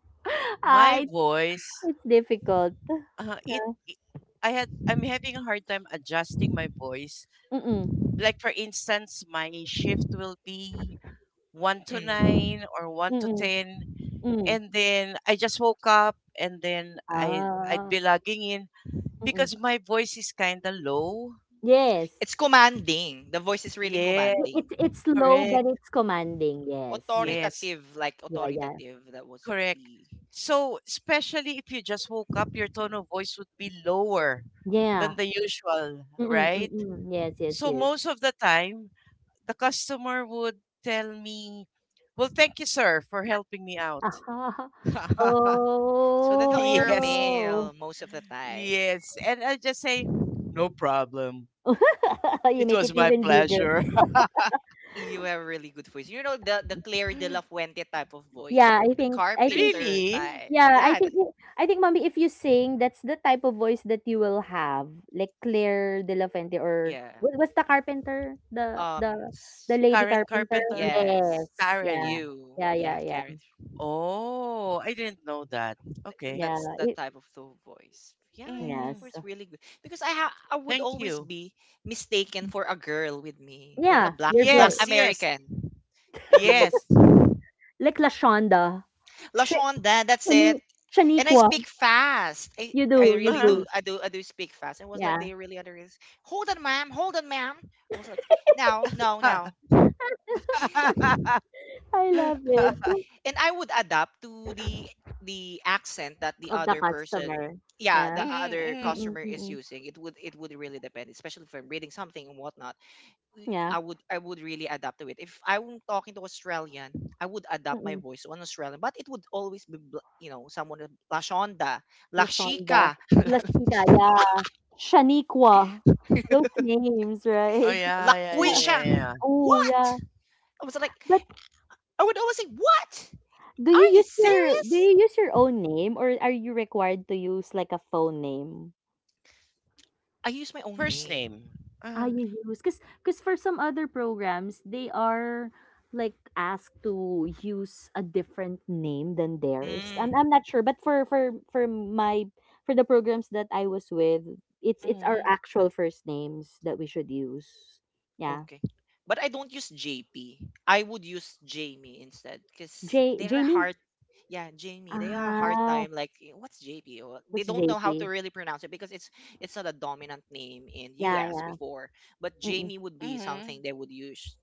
[SPEAKER 3] (laughs) ah,
[SPEAKER 2] My voice
[SPEAKER 3] it's difficult.
[SPEAKER 2] Uh, it,
[SPEAKER 3] Yeah.
[SPEAKER 2] it I had I'm having a hard time adjusting my voice.
[SPEAKER 3] Mm-mm.
[SPEAKER 2] Like for instance, my shift will be 1 to
[SPEAKER 1] Mm.
[SPEAKER 2] 9 or 1 to
[SPEAKER 3] Mm-mm.
[SPEAKER 2] 10,
[SPEAKER 3] Mm.
[SPEAKER 2] and then I just woke up and then I'd
[SPEAKER 3] Ah.
[SPEAKER 2] be logging in
[SPEAKER 3] Mm-mm.
[SPEAKER 2] because my voice is kind of low.
[SPEAKER 3] Yes.
[SPEAKER 1] It's commanding. The voice is really
[SPEAKER 2] Yeah,
[SPEAKER 3] I-
[SPEAKER 1] commanding.
[SPEAKER 3] It's low
[SPEAKER 2] correct.
[SPEAKER 3] but it's commanding. Yes.
[SPEAKER 2] Yes,
[SPEAKER 1] Authoritative, like
[SPEAKER 3] Yeah, yeah.
[SPEAKER 1] authoritative. That was
[SPEAKER 2] correct.
[SPEAKER 1] E.
[SPEAKER 2] So, especially if you just woke up, your tone of voice would be lower
[SPEAKER 3] Yeah.
[SPEAKER 2] than the usual,
[SPEAKER 3] Mm-mm.
[SPEAKER 2] right?
[SPEAKER 3] Mm-mm. Yes, yes,
[SPEAKER 2] So
[SPEAKER 3] yes.
[SPEAKER 2] most of the time, the customer would tell me, well, thank you, sir, for helping me out.
[SPEAKER 3] (laughs)
[SPEAKER 2] (laughs)
[SPEAKER 1] So they thought you're a
[SPEAKER 2] Yes,
[SPEAKER 3] Oh.
[SPEAKER 1] male most of the time.
[SPEAKER 2] yes. And I just say, no problem.
[SPEAKER 3] (laughs) You
[SPEAKER 2] It
[SPEAKER 3] make it
[SPEAKER 2] was my
[SPEAKER 3] even bigger.
[SPEAKER 2] pleasure.
[SPEAKER 1] You have a really good voice. You know the Claire de la
[SPEAKER 2] (laughs)
[SPEAKER 1] Fuente type of voice. You
[SPEAKER 3] Yeah,
[SPEAKER 1] know
[SPEAKER 3] I
[SPEAKER 1] the
[SPEAKER 3] think I think
[SPEAKER 1] carpenter
[SPEAKER 2] Really?
[SPEAKER 1] types.
[SPEAKER 3] yeah,
[SPEAKER 1] Yeah,
[SPEAKER 3] I think mommy if you sing, that's the type of voice that you will have. Like Claire De La Fuente. Or
[SPEAKER 1] yeah.
[SPEAKER 3] what was the carpenter?
[SPEAKER 1] Um,
[SPEAKER 3] The
[SPEAKER 1] s-
[SPEAKER 3] lady
[SPEAKER 2] Karen
[SPEAKER 3] carpenter?
[SPEAKER 2] Carpenter?
[SPEAKER 1] yes.
[SPEAKER 3] Yes. Yeah.
[SPEAKER 2] Karen.
[SPEAKER 1] You,
[SPEAKER 3] Yeah, yeah,
[SPEAKER 1] yeah,
[SPEAKER 3] yeah.
[SPEAKER 1] Karen,
[SPEAKER 2] Oh, I didn't know that.
[SPEAKER 1] eh,
[SPEAKER 2] Okay.
[SPEAKER 3] Yeah.
[SPEAKER 1] that's that
[SPEAKER 3] It,
[SPEAKER 1] type of the voice. Yeah, it
[SPEAKER 2] hmm
[SPEAKER 3] yes.
[SPEAKER 1] was really good because I I would
[SPEAKER 2] Thank
[SPEAKER 1] always
[SPEAKER 2] you.
[SPEAKER 1] be mistaken for a girl with me, like a
[SPEAKER 3] Yeah,
[SPEAKER 1] black
[SPEAKER 3] your
[SPEAKER 1] black
[SPEAKER 3] voice.
[SPEAKER 2] Yes, yes,
[SPEAKER 1] American. They would,
[SPEAKER 2] yes.
[SPEAKER 3] Like Lashonda. Sh-
[SPEAKER 1] Lashonda, that's it.
[SPEAKER 3] Shani-
[SPEAKER 1] And I
[SPEAKER 3] Shaniqua.
[SPEAKER 1] speak fast. I,
[SPEAKER 3] You
[SPEAKER 1] I
[SPEAKER 3] do, you
[SPEAKER 1] really do.
[SPEAKER 3] do.
[SPEAKER 2] Uh-huh.
[SPEAKER 1] I do. I do speak fast. It was like
[SPEAKER 3] Yeah.
[SPEAKER 1] they really understand. Hold on, ma'am. Hold on, ma'am. I was like, no, no, no.
[SPEAKER 2] (laughs)
[SPEAKER 3] I love it.
[SPEAKER 1] And I would adapt to the accent that the
[SPEAKER 3] Of the
[SPEAKER 1] other person,
[SPEAKER 3] customer.
[SPEAKER 1] yeah,
[SPEAKER 3] Yeah.
[SPEAKER 1] the
[SPEAKER 2] Mhm,
[SPEAKER 1] other
[SPEAKER 2] mhm.
[SPEAKER 3] Mm-mm,
[SPEAKER 1] customer is
[SPEAKER 3] mm-mm.
[SPEAKER 1] using. It would, it would really depend, especially if I'm reading something and whatnot.
[SPEAKER 3] Yeah.
[SPEAKER 1] I would, I would really adapt to it. If I'm talking to Australian, I would adapt my
[SPEAKER 3] Mm-mm.
[SPEAKER 1] voice to an Australian, but it would always be you know, someone with la shonda, la
[SPEAKER 3] Lashonda,
[SPEAKER 1] chica,
[SPEAKER 3] Lashika, yeah, Shaniqua, those names,
[SPEAKER 2] Oh,
[SPEAKER 3] right?
[SPEAKER 1] la
[SPEAKER 2] yeah, yeah, yeah,
[SPEAKER 1] quisha.
[SPEAKER 2] yeah, yeah.
[SPEAKER 3] Oh,
[SPEAKER 1] What,
[SPEAKER 3] yeah.
[SPEAKER 1] I was like,
[SPEAKER 3] But
[SPEAKER 1] I would always say what. Are you
[SPEAKER 3] do
[SPEAKER 1] serious?
[SPEAKER 3] you use your own name, or are you required to use like a phone name?
[SPEAKER 1] I use my own
[SPEAKER 2] First
[SPEAKER 1] name.
[SPEAKER 2] name.
[SPEAKER 3] Ah,
[SPEAKER 2] Uh-huh.
[SPEAKER 3] you use because for some other programs they are like asked to use a different name than theirs.
[SPEAKER 1] Mm.
[SPEAKER 3] I'm not sure, but for my for the programs that I was with, it's our
[SPEAKER 2] Mhm,
[SPEAKER 3] actual first names that we should use. Yeah.
[SPEAKER 1] Okay. But I don't use JP. I would use Jamie instead because
[SPEAKER 3] J
[SPEAKER 1] they're
[SPEAKER 3] Jamie?
[SPEAKER 1] hard. Yeah, Jamie. They are a hard
[SPEAKER 3] Ah,
[SPEAKER 1] time. Like, eh, what's JP? They
[SPEAKER 3] what's
[SPEAKER 1] don't know how to
[SPEAKER 3] JP?
[SPEAKER 1] really pronounce it because it's not a dominant name in
[SPEAKER 3] Yeah,
[SPEAKER 1] US
[SPEAKER 3] yeah.
[SPEAKER 1] before. But
[SPEAKER 3] Mm-mm.
[SPEAKER 1] Jamie would be
[SPEAKER 2] mhm.
[SPEAKER 1] something they would use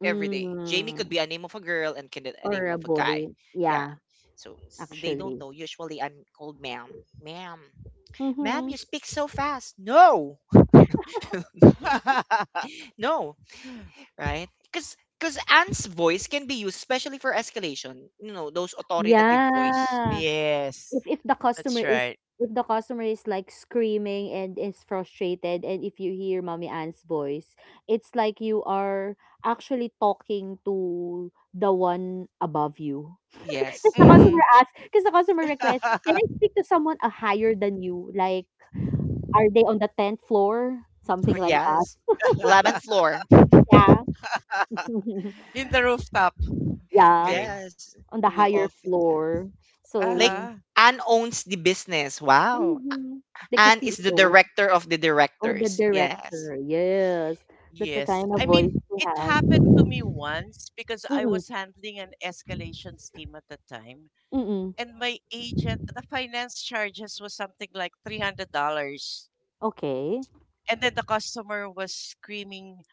[SPEAKER 1] every day. Jamie could
[SPEAKER 3] Mm,
[SPEAKER 1] be a name of a girl and can a
[SPEAKER 3] or
[SPEAKER 1] name
[SPEAKER 3] a
[SPEAKER 1] of a
[SPEAKER 3] boy.
[SPEAKER 1] guy. Yeah.
[SPEAKER 3] Yeah,
[SPEAKER 1] So they don't
[SPEAKER 3] actually.
[SPEAKER 1] know. Usually, I'm called ma'am, ma'am, ma'am.
[SPEAKER 3] Mm-hmm.
[SPEAKER 1] You speak so fast. No, (laughs)
[SPEAKER 2] (laughs)
[SPEAKER 1] no. Right? Because Anne's voice can be used especially for escalation. You know, those authoritative voice.
[SPEAKER 3] Yeah.
[SPEAKER 2] Yes.
[SPEAKER 3] If the customer
[SPEAKER 2] That's
[SPEAKER 3] is
[SPEAKER 2] right.
[SPEAKER 3] if the customer is like screaming and is frustrated, and if you hear Mommy Ann's voice, it's like you are actually talking to the one above you. (laughs)
[SPEAKER 1] Yes.
[SPEAKER 3] Because the customer
[SPEAKER 2] Mhm.
[SPEAKER 3] asks, because the customer requests, can I
[SPEAKER 2] (laughs)
[SPEAKER 3] speak to someone higher than you? Like are they on the 10th floor? Something
[SPEAKER 1] (laughs)
[SPEAKER 3] like that.
[SPEAKER 1] Yes. 11th floor.
[SPEAKER 3] Yeah. (laughs)
[SPEAKER 2] In the
[SPEAKER 1] (laughs)
[SPEAKER 2] rooftop.
[SPEAKER 3] Yeah,
[SPEAKER 2] Okay.
[SPEAKER 1] Yes.
[SPEAKER 3] on
[SPEAKER 1] They
[SPEAKER 3] the
[SPEAKER 1] would
[SPEAKER 3] higher
[SPEAKER 1] often ask.
[SPEAKER 3] floor.
[SPEAKER 1] Like
[SPEAKER 3] So
[SPEAKER 2] Uh-huh.
[SPEAKER 1] Anne owns the business. Wow.
[SPEAKER 3] mhm, like the
[SPEAKER 1] Anne is the
[SPEAKER 3] CEO
[SPEAKER 1] director of the
[SPEAKER 3] or the
[SPEAKER 1] directors. Yes.
[SPEAKER 3] director. Yes, that's the
[SPEAKER 2] Yes.
[SPEAKER 3] kind of
[SPEAKER 2] I mean,
[SPEAKER 3] voice he
[SPEAKER 2] it
[SPEAKER 3] has.
[SPEAKER 2] happened to me once because I
[SPEAKER 3] Mm-mm,
[SPEAKER 2] was handling an escalations team at the time.
[SPEAKER 3] mm-mm.
[SPEAKER 2] And my agent, the finance charges was something like $300.
[SPEAKER 3] Okay.
[SPEAKER 2] And then the customer was screaming,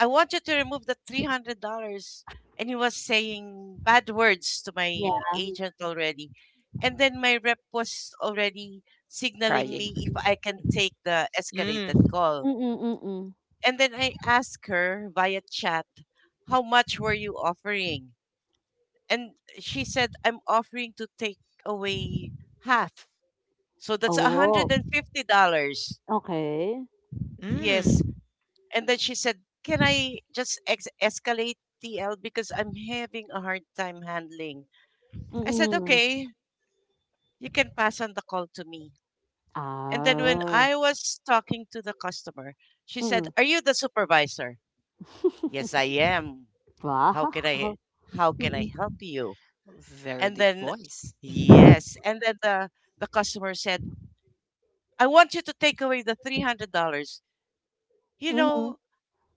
[SPEAKER 2] I want you to remove the $300. And he was saying bad words to my
[SPEAKER 3] Yeah.
[SPEAKER 2] agent already. And then my rep was already signaling
[SPEAKER 1] Crying.
[SPEAKER 2] me if I can take the escalated
[SPEAKER 1] Mm.
[SPEAKER 2] call.
[SPEAKER 3] Mm-mm, mm-mm.
[SPEAKER 2] And then I asked her via chat, how much were you offering? And she said, I'm offering to take away half. So that's
[SPEAKER 3] Oh,
[SPEAKER 2] $150.
[SPEAKER 3] okay.
[SPEAKER 2] Yes.
[SPEAKER 1] Mm.
[SPEAKER 2] And then she said, can I just ex- escalate TL because I'm having a hard time handling? I said,
[SPEAKER 3] Mm-mm.
[SPEAKER 2] okay, you can pass on the call to me. And then when
[SPEAKER 3] Ah.
[SPEAKER 2] I was talking to the customer, she said,
[SPEAKER 3] Mm-mm.
[SPEAKER 2] are you the supervisor? Yes, I
[SPEAKER 3] (laughs)
[SPEAKER 2] am. How
[SPEAKER 3] Wow.
[SPEAKER 2] can I how can I
[SPEAKER 3] Mm-mm.
[SPEAKER 2] help you?
[SPEAKER 1] Very
[SPEAKER 2] And
[SPEAKER 1] deep
[SPEAKER 2] then
[SPEAKER 1] voice. Mm.
[SPEAKER 2] yes. And then the customer said, I want you to take away the $300. You
[SPEAKER 3] Mm-hmm.
[SPEAKER 2] know,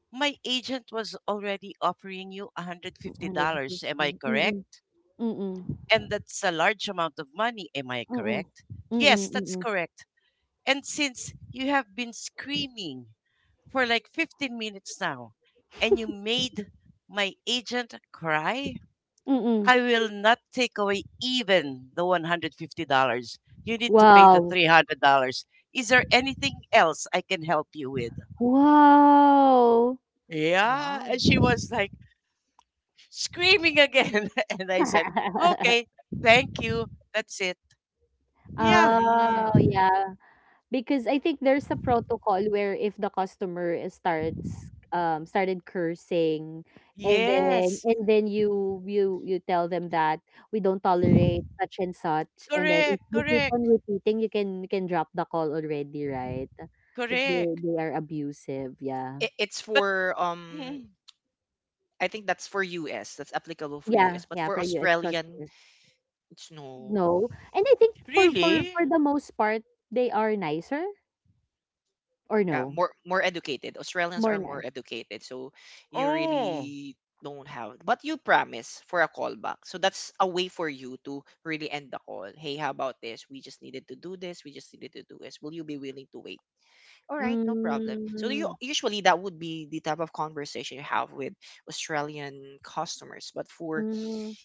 [SPEAKER 2] my agent was already offering you
[SPEAKER 3] one hundred
[SPEAKER 2] $150. Am
[SPEAKER 3] fifty.
[SPEAKER 2] I
[SPEAKER 3] Mm-mm.
[SPEAKER 2] correct?
[SPEAKER 3] Mm-mm.
[SPEAKER 2] And that's a large amount of money. Am I
[SPEAKER 3] Mm-mm.
[SPEAKER 2] correct? Yes,
[SPEAKER 3] Mm-mm.
[SPEAKER 2] that's
[SPEAKER 3] Mm-mm.
[SPEAKER 2] correct. And since you have been screaming for like 15 minutes now and you made my agent cry,
[SPEAKER 3] Mm-mm.
[SPEAKER 2] I will not take away even the $150. You need to pay the
[SPEAKER 3] Wow.
[SPEAKER 2] $300. Is there anything else I can help you with?
[SPEAKER 3] Wow.
[SPEAKER 2] Yeah.
[SPEAKER 1] Wow.
[SPEAKER 2] And she was like, screaming again. (laughs) And I said,
[SPEAKER 3] (laughs)
[SPEAKER 2] okay, thank you. That's it. Yeah.
[SPEAKER 3] Oh,
[SPEAKER 1] Mm.
[SPEAKER 3] yeah. Because I think there's a protocol where if the customer is starts started cursing and then
[SPEAKER 2] Yes.
[SPEAKER 3] you you tell them that we don't tolerate such and such, and then if
[SPEAKER 2] Correct.
[SPEAKER 3] you keep
[SPEAKER 2] Correct.
[SPEAKER 3] on repeating, you can drop the call already, right? If
[SPEAKER 2] Correct.
[SPEAKER 3] they are abusive, yeah.
[SPEAKER 1] It, it's
[SPEAKER 2] But
[SPEAKER 1] for
[SPEAKER 2] mhm,
[SPEAKER 1] I think that's for US. That's applicable for
[SPEAKER 3] Yeah,
[SPEAKER 1] US. But
[SPEAKER 3] yeah,
[SPEAKER 1] for
[SPEAKER 3] for you as
[SPEAKER 1] Australian,
[SPEAKER 3] customer.
[SPEAKER 1] it's no,
[SPEAKER 3] No. And I think for for
[SPEAKER 2] really?
[SPEAKER 3] for the most part, they are nicer or no?
[SPEAKER 1] more, more educated. Australians
[SPEAKER 3] More
[SPEAKER 1] are more
[SPEAKER 3] nice.
[SPEAKER 1] educated, so you
[SPEAKER 2] Oh.
[SPEAKER 1] really don't have. But you promise for a callback, so that's a way for you to really end the call. Hey, how about this? We just needed to do this. We just needed to do this. Will you be willing to wait? All right, no problem. So you
[SPEAKER 3] Mm,
[SPEAKER 1] usually, that would be the type of conversation you have with Australian customers. But for
[SPEAKER 3] mm,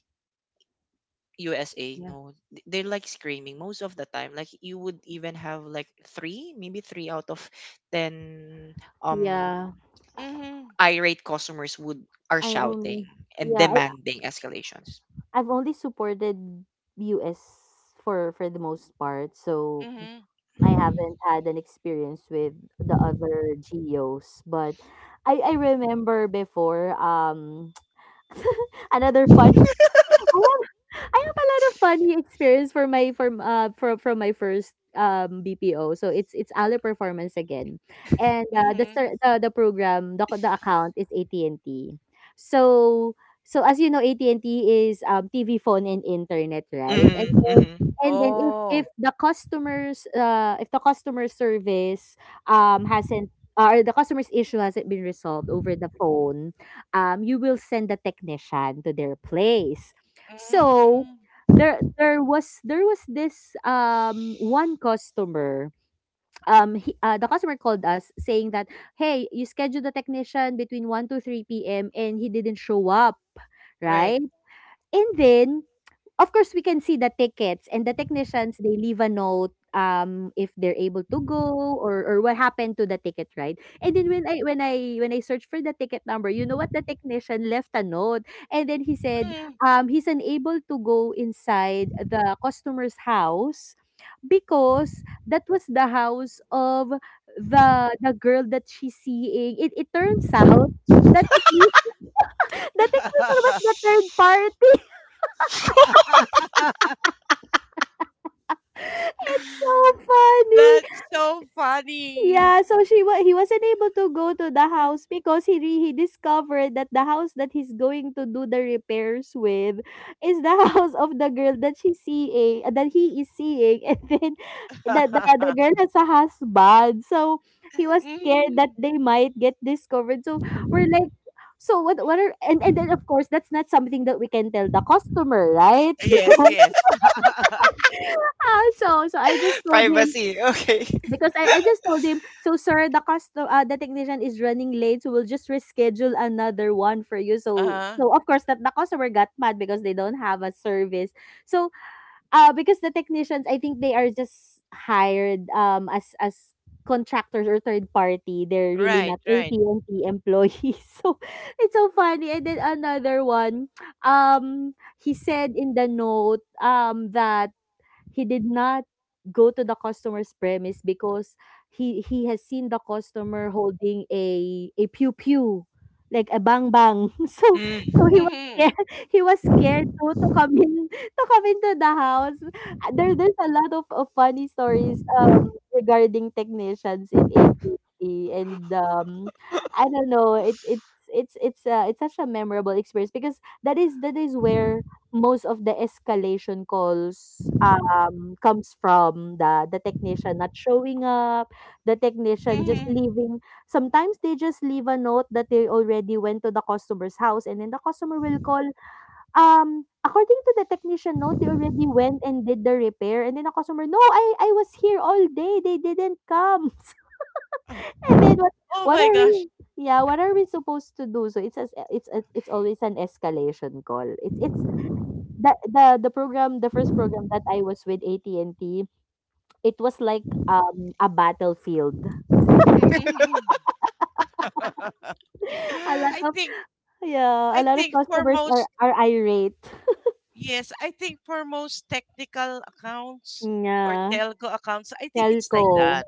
[SPEAKER 1] USA,
[SPEAKER 3] yeah.
[SPEAKER 1] no, they're like screaming most of the time. Like you would even have like three, maybe three out of ten um
[SPEAKER 3] Yeah.
[SPEAKER 2] Mm-hmm.
[SPEAKER 1] irate customers would, are
[SPEAKER 3] I
[SPEAKER 1] shouting
[SPEAKER 3] only
[SPEAKER 1] and
[SPEAKER 3] yeah,
[SPEAKER 1] demanding escalations.
[SPEAKER 3] I've only supported US for the most part. So
[SPEAKER 2] Mm-hmm.
[SPEAKER 3] I haven't had an experience with the other geos, but I remember before (laughs) another fun I have a lot of funny experience for my from my first BPO. So it's Aller Performance again, and the
[SPEAKER 2] Mm-hmm.
[SPEAKER 3] the program the account is AT&T and T. So so as you know, AT&T and T is TV, phone, and internet, right?
[SPEAKER 1] Mm-hmm, mm-hmm.
[SPEAKER 3] And then if
[SPEAKER 2] Oh.
[SPEAKER 3] the customers if the customer service hasn't or the customer's issue hasn't been resolved over the phone, you will send the technician to their place.
[SPEAKER 2] Mm-hmm.
[SPEAKER 3] So there there was this one customer he, the customer called us saying that, hey, you scheduled the technician between 1 to 3 p.m. and he didn't show up,
[SPEAKER 2] Right.
[SPEAKER 3] right? And then of course we can see the tickets, and the technicians, they leave a note if they're able to go or what happened to the ticket, right? And then when I searched for the ticket number, you know what the technician left a note. And then he said
[SPEAKER 2] Mm.
[SPEAKER 3] he's unable to go inside the customer's house because that was the house of the the girl that she's seeing. It turns (laughs) out that the technician was the
[SPEAKER 2] (laughs)
[SPEAKER 3] third party. It's so funny.
[SPEAKER 2] That's so funny.
[SPEAKER 3] Yeah, so he wasn't able to go to the house because he discovered that the house that he's going to do the repairs with is the (laughs) house of the girl that she's seeing that he is seeing, (laughs) and then the
[SPEAKER 2] (laughs)
[SPEAKER 3] girl has a husband. So he was scared that
[SPEAKER 2] Mhm.
[SPEAKER 3] they might get discovered. So we're like, so what are, and then of course that's not something that we can tell the customer, right?
[SPEAKER 2] Yes,
[SPEAKER 3] Because
[SPEAKER 2] yes. (laughs)
[SPEAKER 3] (laughs) ah, so so I just
[SPEAKER 1] (laughs)
[SPEAKER 3] told him
[SPEAKER 1] Privacy. Okay.
[SPEAKER 3] because I just told him, so sir, the technician is running late, so we'll just reschedule another one for you. So
[SPEAKER 2] Uh-huh.
[SPEAKER 3] so of course that the customer got mad because they don't have a service. So because the technicians, I think they are just hired as contractors or third party. They're really
[SPEAKER 2] Right,
[SPEAKER 3] not
[SPEAKER 2] right.
[SPEAKER 3] AT&T employees. (laughs) So it's so funny. And then another one, he said in the note that he did not go to the customer's premise because he has seen the customer holding a pew pew like a bang bang (laughs) so
[SPEAKER 1] Mm.
[SPEAKER 3] he was
[SPEAKER 2] Mhm,
[SPEAKER 3] scared. (laughs) He was scared to come in to come into the house. There's a lot of funny stories regarding technicians in at and I don't know, it it's such a memorable experience because that is where most of the escalation calls comes from the technician not showing up, the technician just
[SPEAKER 2] mhm.
[SPEAKER 3] leaving. Sometimes they just leave a note that they already went to the customer's house, and then the customer will call. According to the technician note, they already went and did the repair, and then the customer, no, I was here all day. They didn't come, (laughs) and then what?
[SPEAKER 2] Oh
[SPEAKER 3] What
[SPEAKER 2] my
[SPEAKER 3] are
[SPEAKER 2] gosh.
[SPEAKER 3] we? Yeah, what are we supposed to do? So it's always an escalation call. It's the program the first program that I was with AT&T. It was like, a battlefield.
[SPEAKER 1] (laughs)
[SPEAKER 2] Mhm.
[SPEAKER 3] (laughs) A lot
[SPEAKER 2] I
[SPEAKER 3] of
[SPEAKER 2] think
[SPEAKER 3] Yeah, a
[SPEAKER 2] I
[SPEAKER 3] lot of
[SPEAKER 2] think for
[SPEAKER 3] customers are
[SPEAKER 2] most
[SPEAKER 3] are irate.
[SPEAKER 2] yes, I think for most technical accounts or
[SPEAKER 3] Yeah,
[SPEAKER 2] telco accounts, I think it's
[SPEAKER 3] telco.
[SPEAKER 2] like that.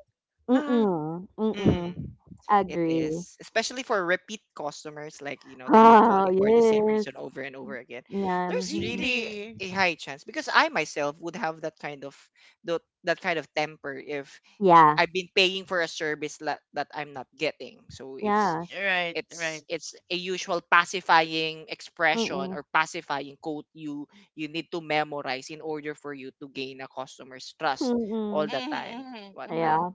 [SPEAKER 2] Ah,
[SPEAKER 3] Mm-mm, mm-mm,
[SPEAKER 1] Mm. It
[SPEAKER 3] agree.
[SPEAKER 1] is, especially for repeat customers, like, you know, they've been calling
[SPEAKER 3] Oh,
[SPEAKER 1] for the same
[SPEAKER 3] yes.
[SPEAKER 1] reason over and over again.
[SPEAKER 3] Yeah,
[SPEAKER 1] There's
[SPEAKER 3] mhm.
[SPEAKER 1] really
[SPEAKER 2] really?
[SPEAKER 1] a high chance because I myself would have that kind of that kind of temper if
[SPEAKER 3] Yeah,
[SPEAKER 1] I've been paying for a service that I'm not getting. So it's
[SPEAKER 3] yeah.
[SPEAKER 2] Right,
[SPEAKER 1] it's
[SPEAKER 2] right.
[SPEAKER 1] it's a usual pacifying expression
[SPEAKER 3] Mm-mm,
[SPEAKER 1] or pacifying quote you you need to memorize in order for you to gain a customer's trust all
[SPEAKER 3] mm-mm.
[SPEAKER 1] the time.
[SPEAKER 2] Mhm,
[SPEAKER 1] What
[SPEAKER 2] mhm,
[SPEAKER 3] Yeah.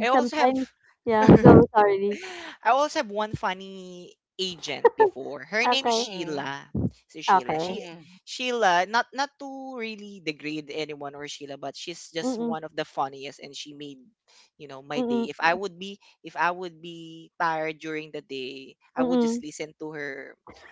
[SPEAKER 1] I also have.
[SPEAKER 3] sometimes, yeah, go, sorry.
[SPEAKER 1] I also have one funny agent before. Her name is
[SPEAKER 3] Okay,
[SPEAKER 2] mhm, mhm,
[SPEAKER 1] Sheila. So Sheila,
[SPEAKER 3] okay.
[SPEAKER 1] she
[SPEAKER 2] mhm,
[SPEAKER 1] Sheila, not to really degrade anyone or Sheila, but she's just
[SPEAKER 3] Mm-mm,
[SPEAKER 1] one of the funniest, and she made you know my day.
[SPEAKER 3] mm-mm,
[SPEAKER 1] If I would be tired during the day, I would just
[SPEAKER 3] mm-mm.
[SPEAKER 1] listen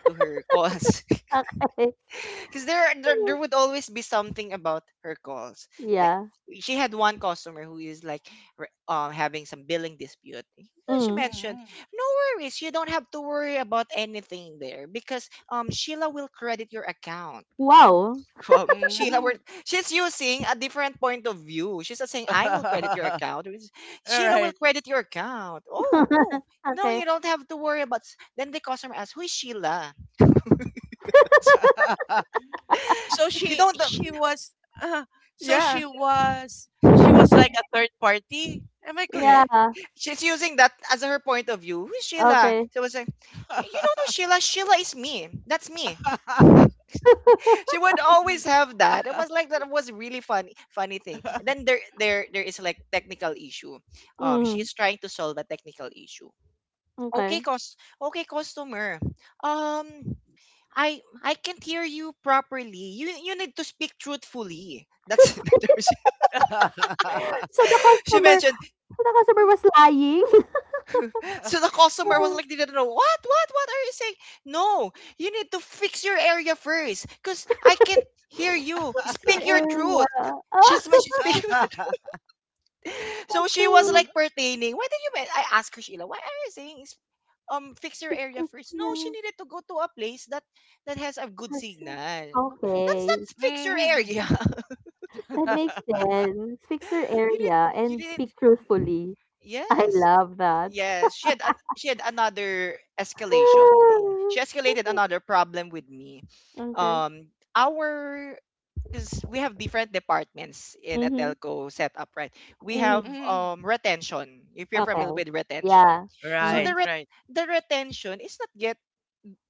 [SPEAKER 1] to her calls. (laughs)
[SPEAKER 3] Okay.
[SPEAKER 1] Because there would
[SPEAKER 3] (laughs)
[SPEAKER 1] always be something about her calls. Like
[SPEAKER 3] Yeah.
[SPEAKER 1] she had one customer who is like having some billing dispute. Well, she
[SPEAKER 3] Mm.
[SPEAKER 1] mentioned,
[SPEAKER 2] mhm,
[SPEAKER 1] "No worries, you don't have to worry about anything there because Sheila will credit your account." Wow. (laughs)
[SPEAKER 3] Wow.
[SPEAKER 1] Wow, Sheila, were
[SPEAKER 2] mhm.
[SPEAKER 1] she's using a different point of view. She's not saying
[SPEAKER 2] (laughs)
[SPEAKER 1] I will credit your
[SPEAKER 2] All
[SPEAKER 1] account. It's, Sheila will
[SPEAKER 2] right.
[SPEAKER 1] credit your account. Oh,
[SPEAKER 3] (laughs)
[SPEAKER 1] no,
[SPEAKER 3] Okay.
[SPEAKER 1] you don't have to worry about. S-" Then the customer asks, "Who is Sheila?"
[SPEAKER 2] (laughs) So
[SPEAKER 1] You
[SPEAKER 2] she
[SPEAKER 1] don't.
[SPEAKER 2] she was uh, so
[SPEAKER 1] Yeah,
[SPEAKER 2] she was like a third party. Am I correct?
[SPEAKER 3] Yeah.
[SPEAKER 1] she's using that as her point of view. Who's Sheila?
[SPEAKER 3] Okay.
[SPEAKER 1] So I was like, you don't know Sheila. Sheila is me. That's me. (laughs)
[SPEAKER 2] (laughs)
[SPEAKER 1] She would always have that. It was like that was really funny thing. And then there is like technical issue. She
[SPEAKER 3] Mhm,
[SPEAKER 1] is trying to solve a technical issue. Okay,
[SPEAKER 3] okay.
[SPEAKER 1] cost, okay, customer. Um, I can't hear you properly. You need to speak truthfully. That's
[SPEAKER 3] Truthful. (laughs) So the
[SPEAKER 1] (laughs) she
[SPEAKER 3] customer
[SPEAKER 1] mentioned
[SPEAKER 3] so the customer was lying?
[SPEAKER 1] so the customer was
[SPEAKER 3] (laughs)
[SPEAKER 1] like, they didn't know what are you saying? No, you need to fix your area first, cause I can't hear you.
[SPEAKER 3] What is your
[SPEAKER 1] Speak your truth.
[SPEAKER 3] area?
[SPEAKER 1] (laughs)
[SPEAKER 3] Ah,
[SPEAKER 1] She's my she's speaking. (laughs) So she was
[SPEAKER 3] so
[SPEAKER 1] like pertaining. Why did you? Men-" I asked her, Sheila, why are you saying is fix your area
[SPEAKER 3] pictures,
[SPEAKER 1] first? No, she
[SPEAKER 3] yeah,
[SPEAKER 1] needed to go to a place that has a good
[SPEAKER 3] has,
[SPEAKER 1] signal. No,
[SPEAKER 3] okay.
[SPEAKER 1] that's fix your
[SPEAKER 2] Mhm.
[SPEAKER 1] area.
[SPEAKER 3] That makes
[SPEAKER 2] (laughs)
[SPEAKER 3] sense. Fix your
[SPEAKER 1] (laughs) You need.
[SPEAKER 3] area
[SPEAKER 1] you
[SPEAKER 3] and
[SPEAKER 1] need.
[SPEAKER 3] speak
[SPEAKER 1] mm,
[SPEAKER 3] truthfully. I
[SPEAKER 1] Yes.
[SPEAKER 3] love that.
[SPEAKER 1] Yes, she had a, she had another escalation.
[SPEAKER 3] (sighs)
[SPEAKER 1] She escalated another problem with me.
[SPEAKER 3] Ah, okay.
[SPEAKER 1] Our because we have different departments in a
[SPEAKER 3] Mhm,
[SPEAKER 1] telco setup, right? We
[SPEAKER 3] mhm.
[SPEAKER 1] have
[SPEAKER 2] Mhm.
[SPEAKER 1] retention. If you're familiar
[SPEAKER 3] Okay.
[SPEAKER 1] with retention,
[SPEAKER 3] Yeah.
[SPEAKER 1] so
[SPEAKER 2] Right,
[SPEAKER 3] Mhm,
[SPEAKER 2] right,
[SPEAKER 1] the retention is not yet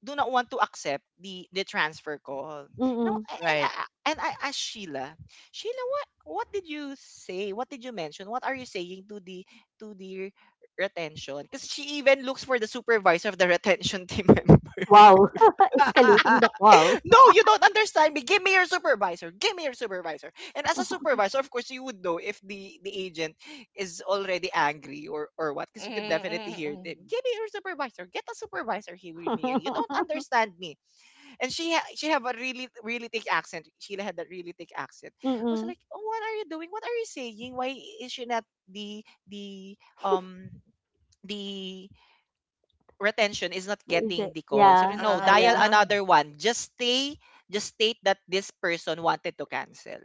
[SPEAKER 1] do not want to accept the transfer call. You know,
[SPEAKER 3] mm.
[SPEAKER 1] and I,
[SPEAKER 2] right.
[SPEAKER 1] I- and I asked Sheila, Sheila, what did you say? What did you mention? What are you saying to the retention? Because she even looks for the supervisor of the (laughs) retention team member.
[SPEAKER 3] Wow, (laughs) escalating the
[SPEAKER 2] (laughs)
[SPEAKER 3] call.
[SPEAKER 1] (laughs) No, you don't understand me. Give me your supervisor. Give me your supervisor. And as a supervisor, of course, you would know if the agent is already angry or what, because you could definitely hear
[SPEAKER 2] Mm-mm-mm.
[SPEAKER 1] them. Give me your supervisor. Get a supervisor here with me. You don't
[SPEAKER 3] (laughs)
[SPEAKER 1] understand me and she have a really really thick accent. Sheila had that really thick accent. I was
[SPEAKER 3] Mm.
[SPEAKER 1] like, oh, what are you doing? What are you saying? Why is she not the the um the retention is not
[SPEAKER 3] Is it?
[SPEAKER 1] getting the call. So
[SPEAKER 3] Yeah,
[SPEAKER 1] no,
[SPEAKER 3] yeah,
[SPEAKER 2] Uh,
[SPEAKER 1] dial
[SPEAKER 3] yeah.
[SPEAKER 2] uh,
[SPEAKER 1] another one. Just stay, just state that this person wanted to cancel.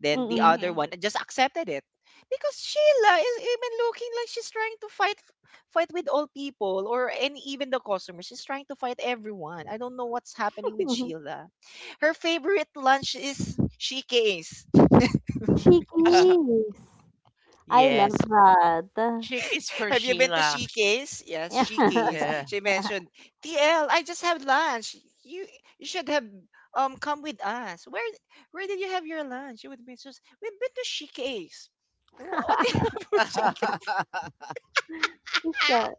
[SPEAKER 1] Then the
[SPEAKER 3] Mm.
[SPEAKER 1] other one
[SPEAKER 2] mhm.
[SPEAKER 1] just accepted it. Because Sheila is even looking like she's trying to fight fight with all people or and even the customers. She's trying to fight everyone. I don't know what's happening
[SPEAKER 3] (laughs)
[SPEAKER 1] with Sheila. Her favorite lunch is shikes.
[SPEAKER 2] Uh,
[SPEAKER 3] Is. I love
[SPEAKER 2] yes.
[SPEAKER 3] that. (laughs)
[SPEAKER 2] Chick is
[SPEAKER 1] (laughs)
[SPEAKER 2] for
[SPEAKER 1] Have you been to
[SPEAKER 2] Sheila.
[SPEAKER 1] She Case? Yes,
[SPEAKER 3] Yeah.
[SPEAKER 1] She Case.
[SPEAKER 2] Yeah.
[SPEAKER 1] She mentioned, TL, I just had lunch. You you should have come with us. Where did you have your lunch? You would be just we've been to She Case. Wha- What (laughs) do you
[SPEAKER 3] (laughs)
[SPEAKER 1] have for She
[SPEAKER 2] (laughs)
[SPEAKER 3] She's uh,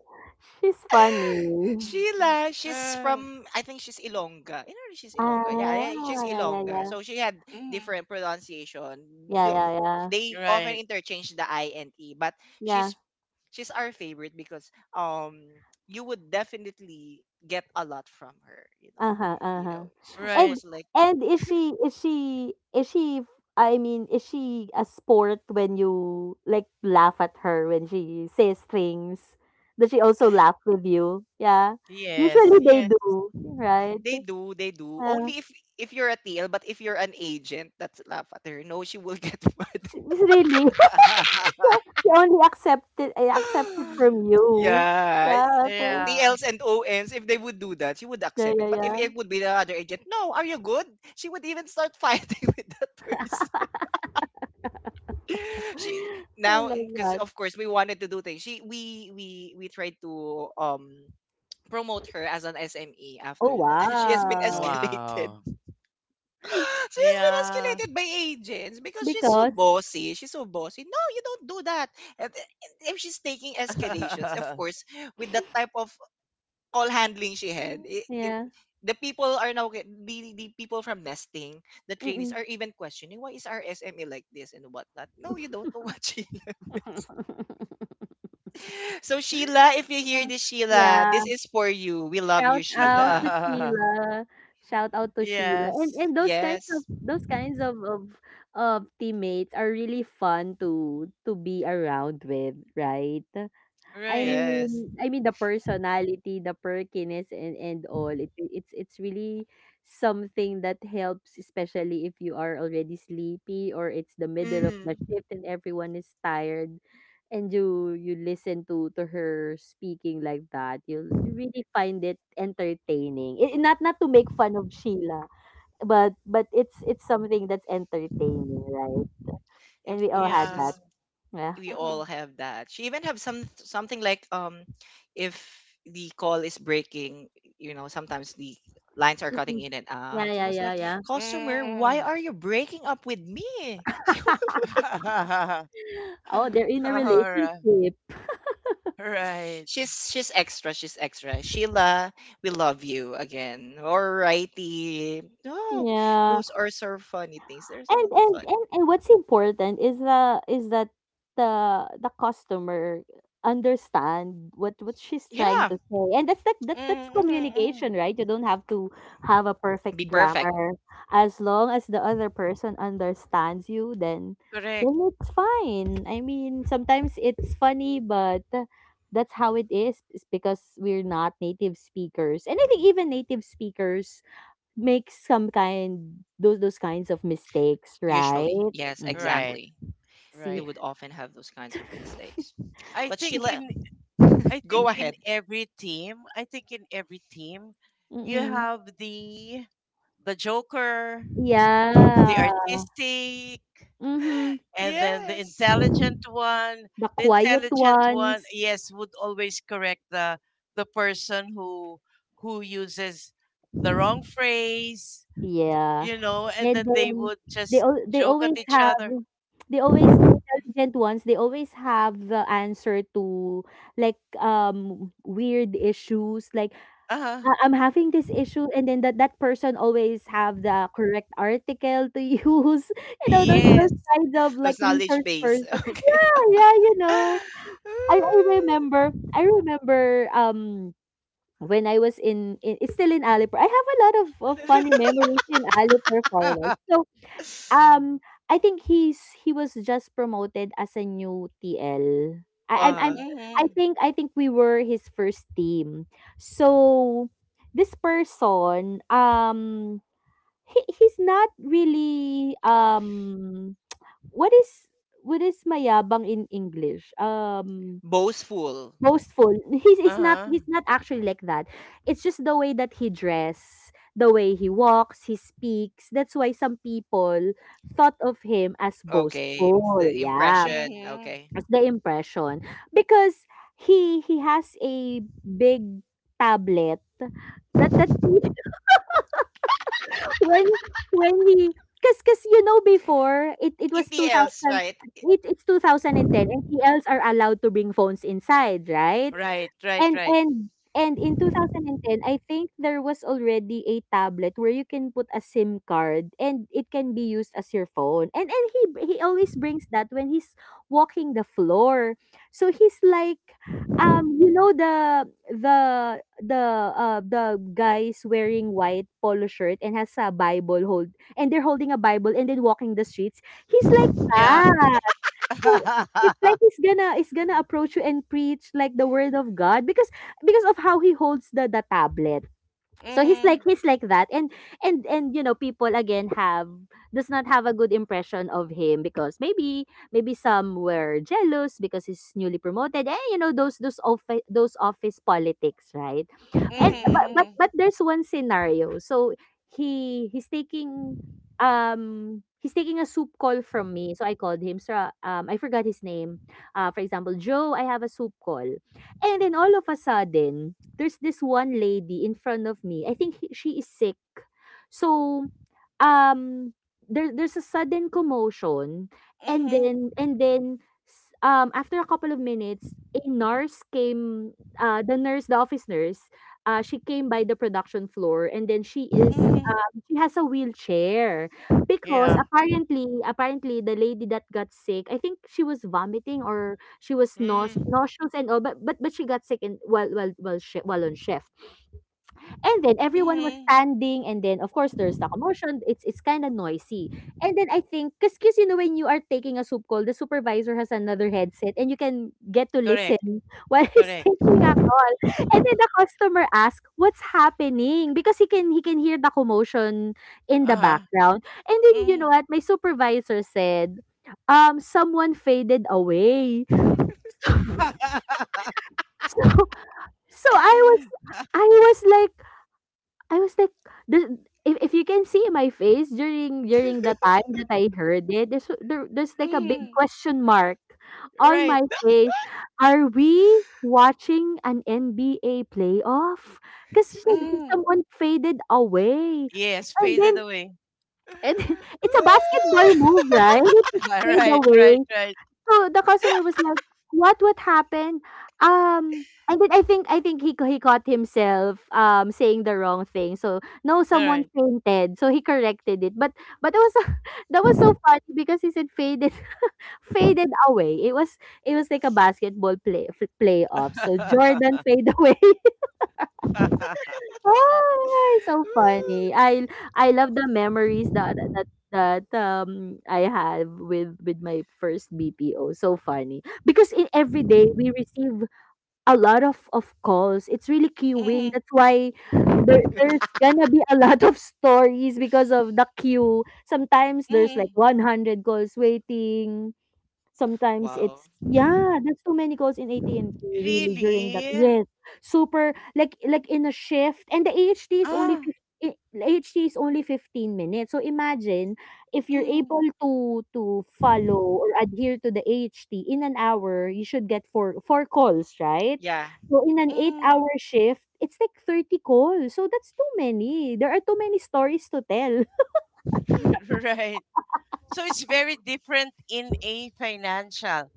[SPEAKER 3] she's funny.
[SPEAKER 1] Sheila, she's
[SPEAKER 2] Right.
[SPEAKER 1] from I think she's Ilongga. You know she's Ilongga. Yeah,
[SPEAKER 3] Ah,
[SPEAKER 1] yeah, she's
[SPEAKER 3] yeah, yeah,
[SPEAKER 1] Ilongga.
[SPEAKER 3] yeah.
[SPEAKER 1] So she had
[SPEAKER 2] Mhm.
[SPEAKER 1] different pronunciation.
[SPEAKER 3] Yeah,
[SPEAKER 1] Though
[SPEAKER 3] yeah, yeah.
[SPEAKER 1] they often
[SPEAKER 2] Right.
[SPEAKER 1] interchange the I and E, but
[SPEAKER 3] Yeah.
[SPEAKER 1] she's she's our favorite because you would definitely get a lot from her, you know.
[SPEAKER 3] Uh-huh,
[SPEAKER 1] You
[SPEAKER 3] uh-huh.
[SPEAKER 1] know, she
[SPEAKER 3] And
[SPEAKER 2] Right.
[SPEAKER 1] was like
[SPEAKER 3] and is she is she is she I mean, is she a sport when you, like, laugh at her when she says things? Does she also laugh with you? Yeah. Usually
[SPEAKER 2] Yes.
[SPEAKER 3] they
[SPEAKER 2] Yes.
[SPEAKER 3] do, right?
[SPEAKER 1] they do, they do.
[SPEAKER 3] Uh,
[SPEAKER 1] Only if you're a TL, but if you're an agent, that's laugh at her. No, she will get (laughs)
[SPEAKER 3] she's really, (laughs) yeah,
[SPEAKER 2] (laughs)
[SPEAKER 3] she only accepted I accept it
[SPEAKER 1] mad.
[SPEAKER 3] from you.
[SPEAKER 1] Yeah,
[SPEAKER 3] Yeah, okay.
[SPEAKER 2] Yeah.
[SPEAKER 1] TLs and ONs, if they would do that, she would
[SPEAKER 3] Yeah,
[SPEAKER 1] accept
[SPEAKER 3] yeah,
[SPEAKER 1] it. But if
[SPEAKER 3] yeah.
[SPEAKER 1] it would be the other agent, no, are you good? She would even start fighting (laughs) with that person. (laughs) She
[SPEAKER 3] (laughs) I
[SPEAKER 1] now,
[SPEAKER 3] love
[SPEAKER 1] because
[SPEAKER 3] that.
[SPEAKER 1] of course we wanted to do things. She We tried to promote her as an SME after
[SPEAKER 3] Oh,
[SPEAKER 1] that. (laughs) She has been
[SPEAKER 3] wow.
[SPEAKER 1] escalated.
[SPEAKER 2] Wow.
[SPEAKER 1] (laughs) She has been
[SPEAKER 2] Yeah.
[SPEAKER 1] escalated by agents because she's so
[SPEAKER 3] Because
[SPEAKER 1] bossy. She's so bossy. No, you don't do that. And If she's taking escalations, of
[SPEAKER 2] (laughs)
[SPEAKER 1] course, with that type of all handling she had. It
[SPEAKER 3] yeah.
[SPEAKER 1] The people are now the people from nesting, the trainees
[SPEAKER 3] Mm-mm.
[SPEAKER 1] are even questioning why is our SME like this and whatnot. No, you don't know what she. (laughs)
[SPEAKER 3] (laughs)
[SPEAKER 1] So Sheila, if you hear
[SPEAKER 3] Uh,
[SPEAKER 1] this, Sheila,
[SPEAKER 3] yeah,
[SPEAKER 1] this is for you. We love you,
[SPEAKER 3] shout out
[SPEAKER 1] Sheila.
[SPEAKER 3] to
[SPEAKER 2] (laughs)
[SPEAKER 3] Sheila. Shout out to Sheila. And
[SPEAKER 2] Yes.
[SPEAKER 3] and
[SPEAKER 1] Yes,
[SPEAKER 3] those kinds of teammates are really fun to be around with, right? I
[SPEAKER 2] Right.
[SPEAKER 1] yes.
[SPEAKER 3] mean I mean the personality, the perkiness and all. It's really something that helps, especially if you are already sleepy or it's the middle of the
[SPEAKER 1] Mm.
[SPEAKER 3] shift and everyone is tired, and you listen to her speaking like that. You really find it entertaining. I, not to make fun of Sheila, but it's something that's entertaining, right?
[SPEAKER 1] It,
[SPEAKER 3] And we
[SPEAKER 1] it
[SPEAKER 3] all
[SPEAKER 1] was
[SPEAKER 3] had
[SPEAKER 2] Yeah.
[SPEAKER 3] that.
[SPEAKER 1] just
[SPEAKER 3] Yeah.
[SPEAKER 1] we all
[SPEAKER 2] mm
[SPEAKER 1] have that. She even have some something like if the call is breaking, you know, sometimes the lines are cutting
[SPEAKER 3] Mm-mm.
[SPEAKER 1] in and
[SPEAKER 3] Yeah,
[SPEAKER 1] out. It
[SPEAKER 3] yeah,
[SPEAKER 1] was
[SPEAKER 3] yeah,
[SPEAKER 1] like,
[SPEAKER 3] yeah.
[SPEAKER 1] customer, why
[SPEAKER 2] mm
[SPEAKER 1] are you breaking up with me? (laughs)
[SPEAKER 3] (laughs)
[SPEAKER 2] (laughs)
[SPEAKER 3] Oh, they're in a
[SPEAKER 2] All right.
[SPEAKER 3] relationship.
[SPEAKER 2] Right.
[SPEAKER 1] She's extra, she's extra. Sheila, we love you again. Alrighty. No,
[SPEAKER 3] Yeah.
[SPEAKER 1] those are so funny things. There's a
[SPEAKER 3] And
[SPEAKER 1] lot of
[SPEAKER 3] and
[SPEAKER 1] fun.
[SPEAKER 3] and, and what's important is that the customer understand what she's trying
[SPEAKER 1] Yeah.
[SPEAKER 3] to say. And that's that that's
[SPEAKER 2] Mm-hmm.
[SPEAKER 3] communication, right? You don't have to have a
[SPEAKER 1] Be
[SPEAKER 3] perfect
[SPEAKER 1] perfect,
[SPEAKER 3] grammar. As long as the other person understands you, then
[SPEAKER 2] Correct.
[SPEAKER 3] then it's fine. I mean, sometimes it's funny, but that's how it is. It's because we're not native speakers. And I think even native speakers make some kind those kinds of mistakes, right?
[SPEAKER 1] usually. Yes,
[SPEAKER 3] Mhm.
[SPEAKER 2] Right.
[SPEAKER 1] exactly. They
[SPEAKER 3] See?
[SPEAKER 2] Right.
[SPEAKER 1] would often have those kinds of
[SPEAKER 3] (laughs)
[SPEAKER 1] mistakes.
[SPEAKER 2] I
[SPEAKER 1] But
[SPEAKER 2] think
[SPEAKER 1] Sheila,
[SPEAKER 2] in I
[SPEAKER 1] go
[SPEAKER 2] think in
[SPEAKER 1] ahead.
[SPEAKER 2] every team, I think in every team, you
[SPEAKER 3] Mm.
[SPEAKER 2] have the joker,
[SPEAKER 3] Yeah.
[SPEAKER 2] the artistic,
[SPEAKER 3] Mhm.
[SPEAKER 2] and then the
[SPEAKER 1] Yes.
[SPEAKER 2] intelligent one,
[SPEAKER 3] The
[SPEAKER 2] the (laughs)
[SPEAKER 3] quiet
[SPEAKER 2] intelligent one,
[SPEAKER 3] ones.
[SPEAKER 2] yes, would always correct the person who uses the wrong phrase,
[SPEAKER 3] Yeah.
[SPEAKER 2] you know, and
[SPEAKER 3] And
[SPEAKER 2] then they
[SPEAKER 3] then
[SPEAKER 2] would
[SPEAKER 3] they
[SPEAKER 2] just
[SPEAKER 3] al- they
[SPEAKER 2] joke at
[SPEAKER 3] always
[SPEAKER 2] each
[SPEAKER 3] have
[SPEAKER 2] other.
[SPEAKER 3] the intelligent ones, they always have the answer to, like, weird issues. Like,
[SPEAKER 2] Uh-huh.
[SPEAKER 3] I'm having this issue, and then that person always have the correct article to (laughs) use. You know, those
[SPEAKER 2] Yes.
[SPEAKER 3] those kinds of, like,
[SPEAKER 1] Those knowledge
[SPEAKER 3] resource
[SPEAKER 1] base.
[SPEAKER 3] person.
[SPEAKER 1] (laughs) Okay.
[SPEAKER 3] Yeah, yeah, you know. I remember I remember when I was in it's still in Alipur. I have a lot of funny
[SPEAKER 1] (laughs)
[SPEAKER 3] memories in Alipur Forward.
[SPEAKER 2] (laughs)
[SPEAKER 3] So um, I think he was just promoted as a new TL. I am I'm
[SPEAKER 1] Uh-huh.
[SPEAKER 2] Mm-hmm.
[SPEAKER 3] I think we were his first team. So this person, he's not really (tsk) what is what is mayabang in English?
[SPEAKER 1] Boastful.
[SPEAKER 3] Boastful.
[SPEAKER 2] Uh-huh.
[SPEAKER 3] He's not actually like that. It's just the way that he dress, the way he walks, he speaks. That's why some people thought of him as
[SPEAKER 1] Okay. It's
[SPEAKER 3] boastful.
[SPEAKER 1] the
[SPEAKER 3] Yeah,
[SPEAKER 1] impression.
[SPEAKER 2] Mm-hmm.
[SPEAKER 1] Okay.
[SPEAKER 3] as the impression, because he has a big tablet that (laughs) when when he, cause you know, before it was
[SPEAKER 1] Inti else,
[SPEAKER 3] 2000,
[SPEAKER 1] right?
[SPEAKER 3] it's 2010, and TLs are allowed to bring phones inside, right?
[SPEAKER 2] Right, right,
[SPEAKER 3] And
[SPEAKER 2] right.
[SPEAKER 3] and and in 2010, I think there was already a tablet where you can put a SIM card and it can be used as your phone. And he always brings that when he's walking the floor. So he's like, um you know the the the the guys wearing white polo shirt and, has a bible hold and they're holding a bible and then walking the streets, he's like
[SPEAKER 2] Yeah.
[SPEAKER 3] that. So
[SPEAKER 2] (laughs)
[SPEAKER 3] it's like he's gonna approach you and preach like the word of God, because of how he holds the tablet. So
[SPEAKER 2] Mm-hmm.
[SPEAKER 3] he's like that, and people, again, have does not have a good impression of him, because maybe some were jealous because he's newly promoted. Eh, you know, those office politics, right? and but
[SPEAKER 1] (laughs)
[SPEAKER 3] but
[SPEAKER 2] Mm-hmm.
[SPEAKER 3] but there's one scenario. So he he's taking he's taking a soup call from me. So I called him. So I forgot his name. For example, Joe, I have a soup call. And then all of a sudden, there's this one lady in front of me. I think she is sick. So um there's a sudden commotion, and
[SPEAKER 2] Mm-hmm.
[SPEAKER 3] then and then after a couple of minutes a nurse came. Uh the nurse the office nurse, she came by the production floor, and then
[SPEAKER 2] Mm-hmm.
[SPEAKER 3] she has a wheelchair, because
[SPEAKER 2] Yeah.
[SPEAKER 3] apparently the lady that got sick, I think she was vomiting or she was
[SPEAKER 1] Mm.
[SPEAKER 3] nauseous and all, but she got sick in while shi while on shift. And then everyone was
[SPEAKER 2] Mm-hmm.
[SPEAKER 3] standing, and then of course there's the commotion. It's kind of noisy. And then I think, cause you know, when you are taking a soup call, the supervisor has another headset, and you can get to listen
[SPEAKER 2] Correct.
[SPEAKER 3] (laughs) while he's
[SPEAKER 2] Correct.
[SPEAKER 3] taking a call. And then the customer asks, "What's happening?" Because he can hear the commotion in the
[SPEAKER 2] Uh-huh.
[SPEAKER 3] background. And then you know
[SPEAKER 2] Mhm.
[SPEAKER 3] what my supervisor said? Someone faded away.
[SPEAKER 2] (laughs)
[SPEAKER 3] (laughs) So I was like I was like, there's, if you can see my face during the time that I heard it, there's like a big
[SPEAKER 2] Mhm.
[SPEAKER 3] question mark on
[SPEAKER 2] Right.
[SPEAKER 3] my face. Are we watching an NBA playoff? Because she said,
[SPEAKER 2] Mhm.
[SPEAKER 3] someone faded away,
[SPEAKER 2] Yes,
[SPEAKER 3] and
[SPEAKER 2] faded
[SPEAKER 3] then
[SPEAKER 2] away.
[SPEAKER 3] and (laughs) it's a basketball move, right? It's just
[SPEAKER 2] (laughs)
[SPEAKER 3] fade
[SPEAKER 2] Right,
[SPEAKER 3] away.
[SPEAKER 2] right, right.
[SPEAKER 3] So the customer was like, What happened?" And then I think he caught himself saying the wrong thing. So, no,
[SPEAKER 2] All
[SPEAKER 3] someone
[SPEAKER 2] right.
[SPEAKER 3] fainted. So he corrected it. But it was (laughs) that was so funny, because he said faded, (laughs) faded away. It was like a basketball playoff. So Jordan
[SPEAKER 2] (laughs)
[SPEAKER 3] fade (laughs) away. Ay, so funny. I love
[SPEAKER 1] Oh,
[SPEAKER 3] the memories that that that I have with my first BPO. So funny. Because in every day we receive a lot of calls. It's really queuing.
[SPEAKER 2] Mhm.
[SPEAKER 3] That's why there's gonna be a (laughs) lot of stories because of the queue. Sometimes there's like
[SPEAKER 2] Mhm.
[SPEAKER 3] 100 calls waiting. Sometimes
[SPEAKER 1] wow.
[SPEAKER 3] it's, yeah, that's too many calls in AT&T, really, during that,
[SPEAKER 2] Really?
[SPEAKER 3] yes. Super, like in a shift, and the AHT is only,
[SPEAKER 2] Ah.
[SPEAKER 3] fif I AHT is only 15 minutes. So imagine if you're able
[SPEAKER 2] Mhm.
[SPEAKER 3] to follow or adhere to the AHT in an hour, you should get four calls, right?
[SPEAKER 1] Yeah.
[SPEAKER 3] So in an
[SPEAKER 2] Mhm.
[SPEAKER 3] 8-hour shift, it's like 30 calls. So that's too many. There are too many stories to tell. (laughs)
[SPEAKER 2] (laughs) Right. So it's very different in a financial,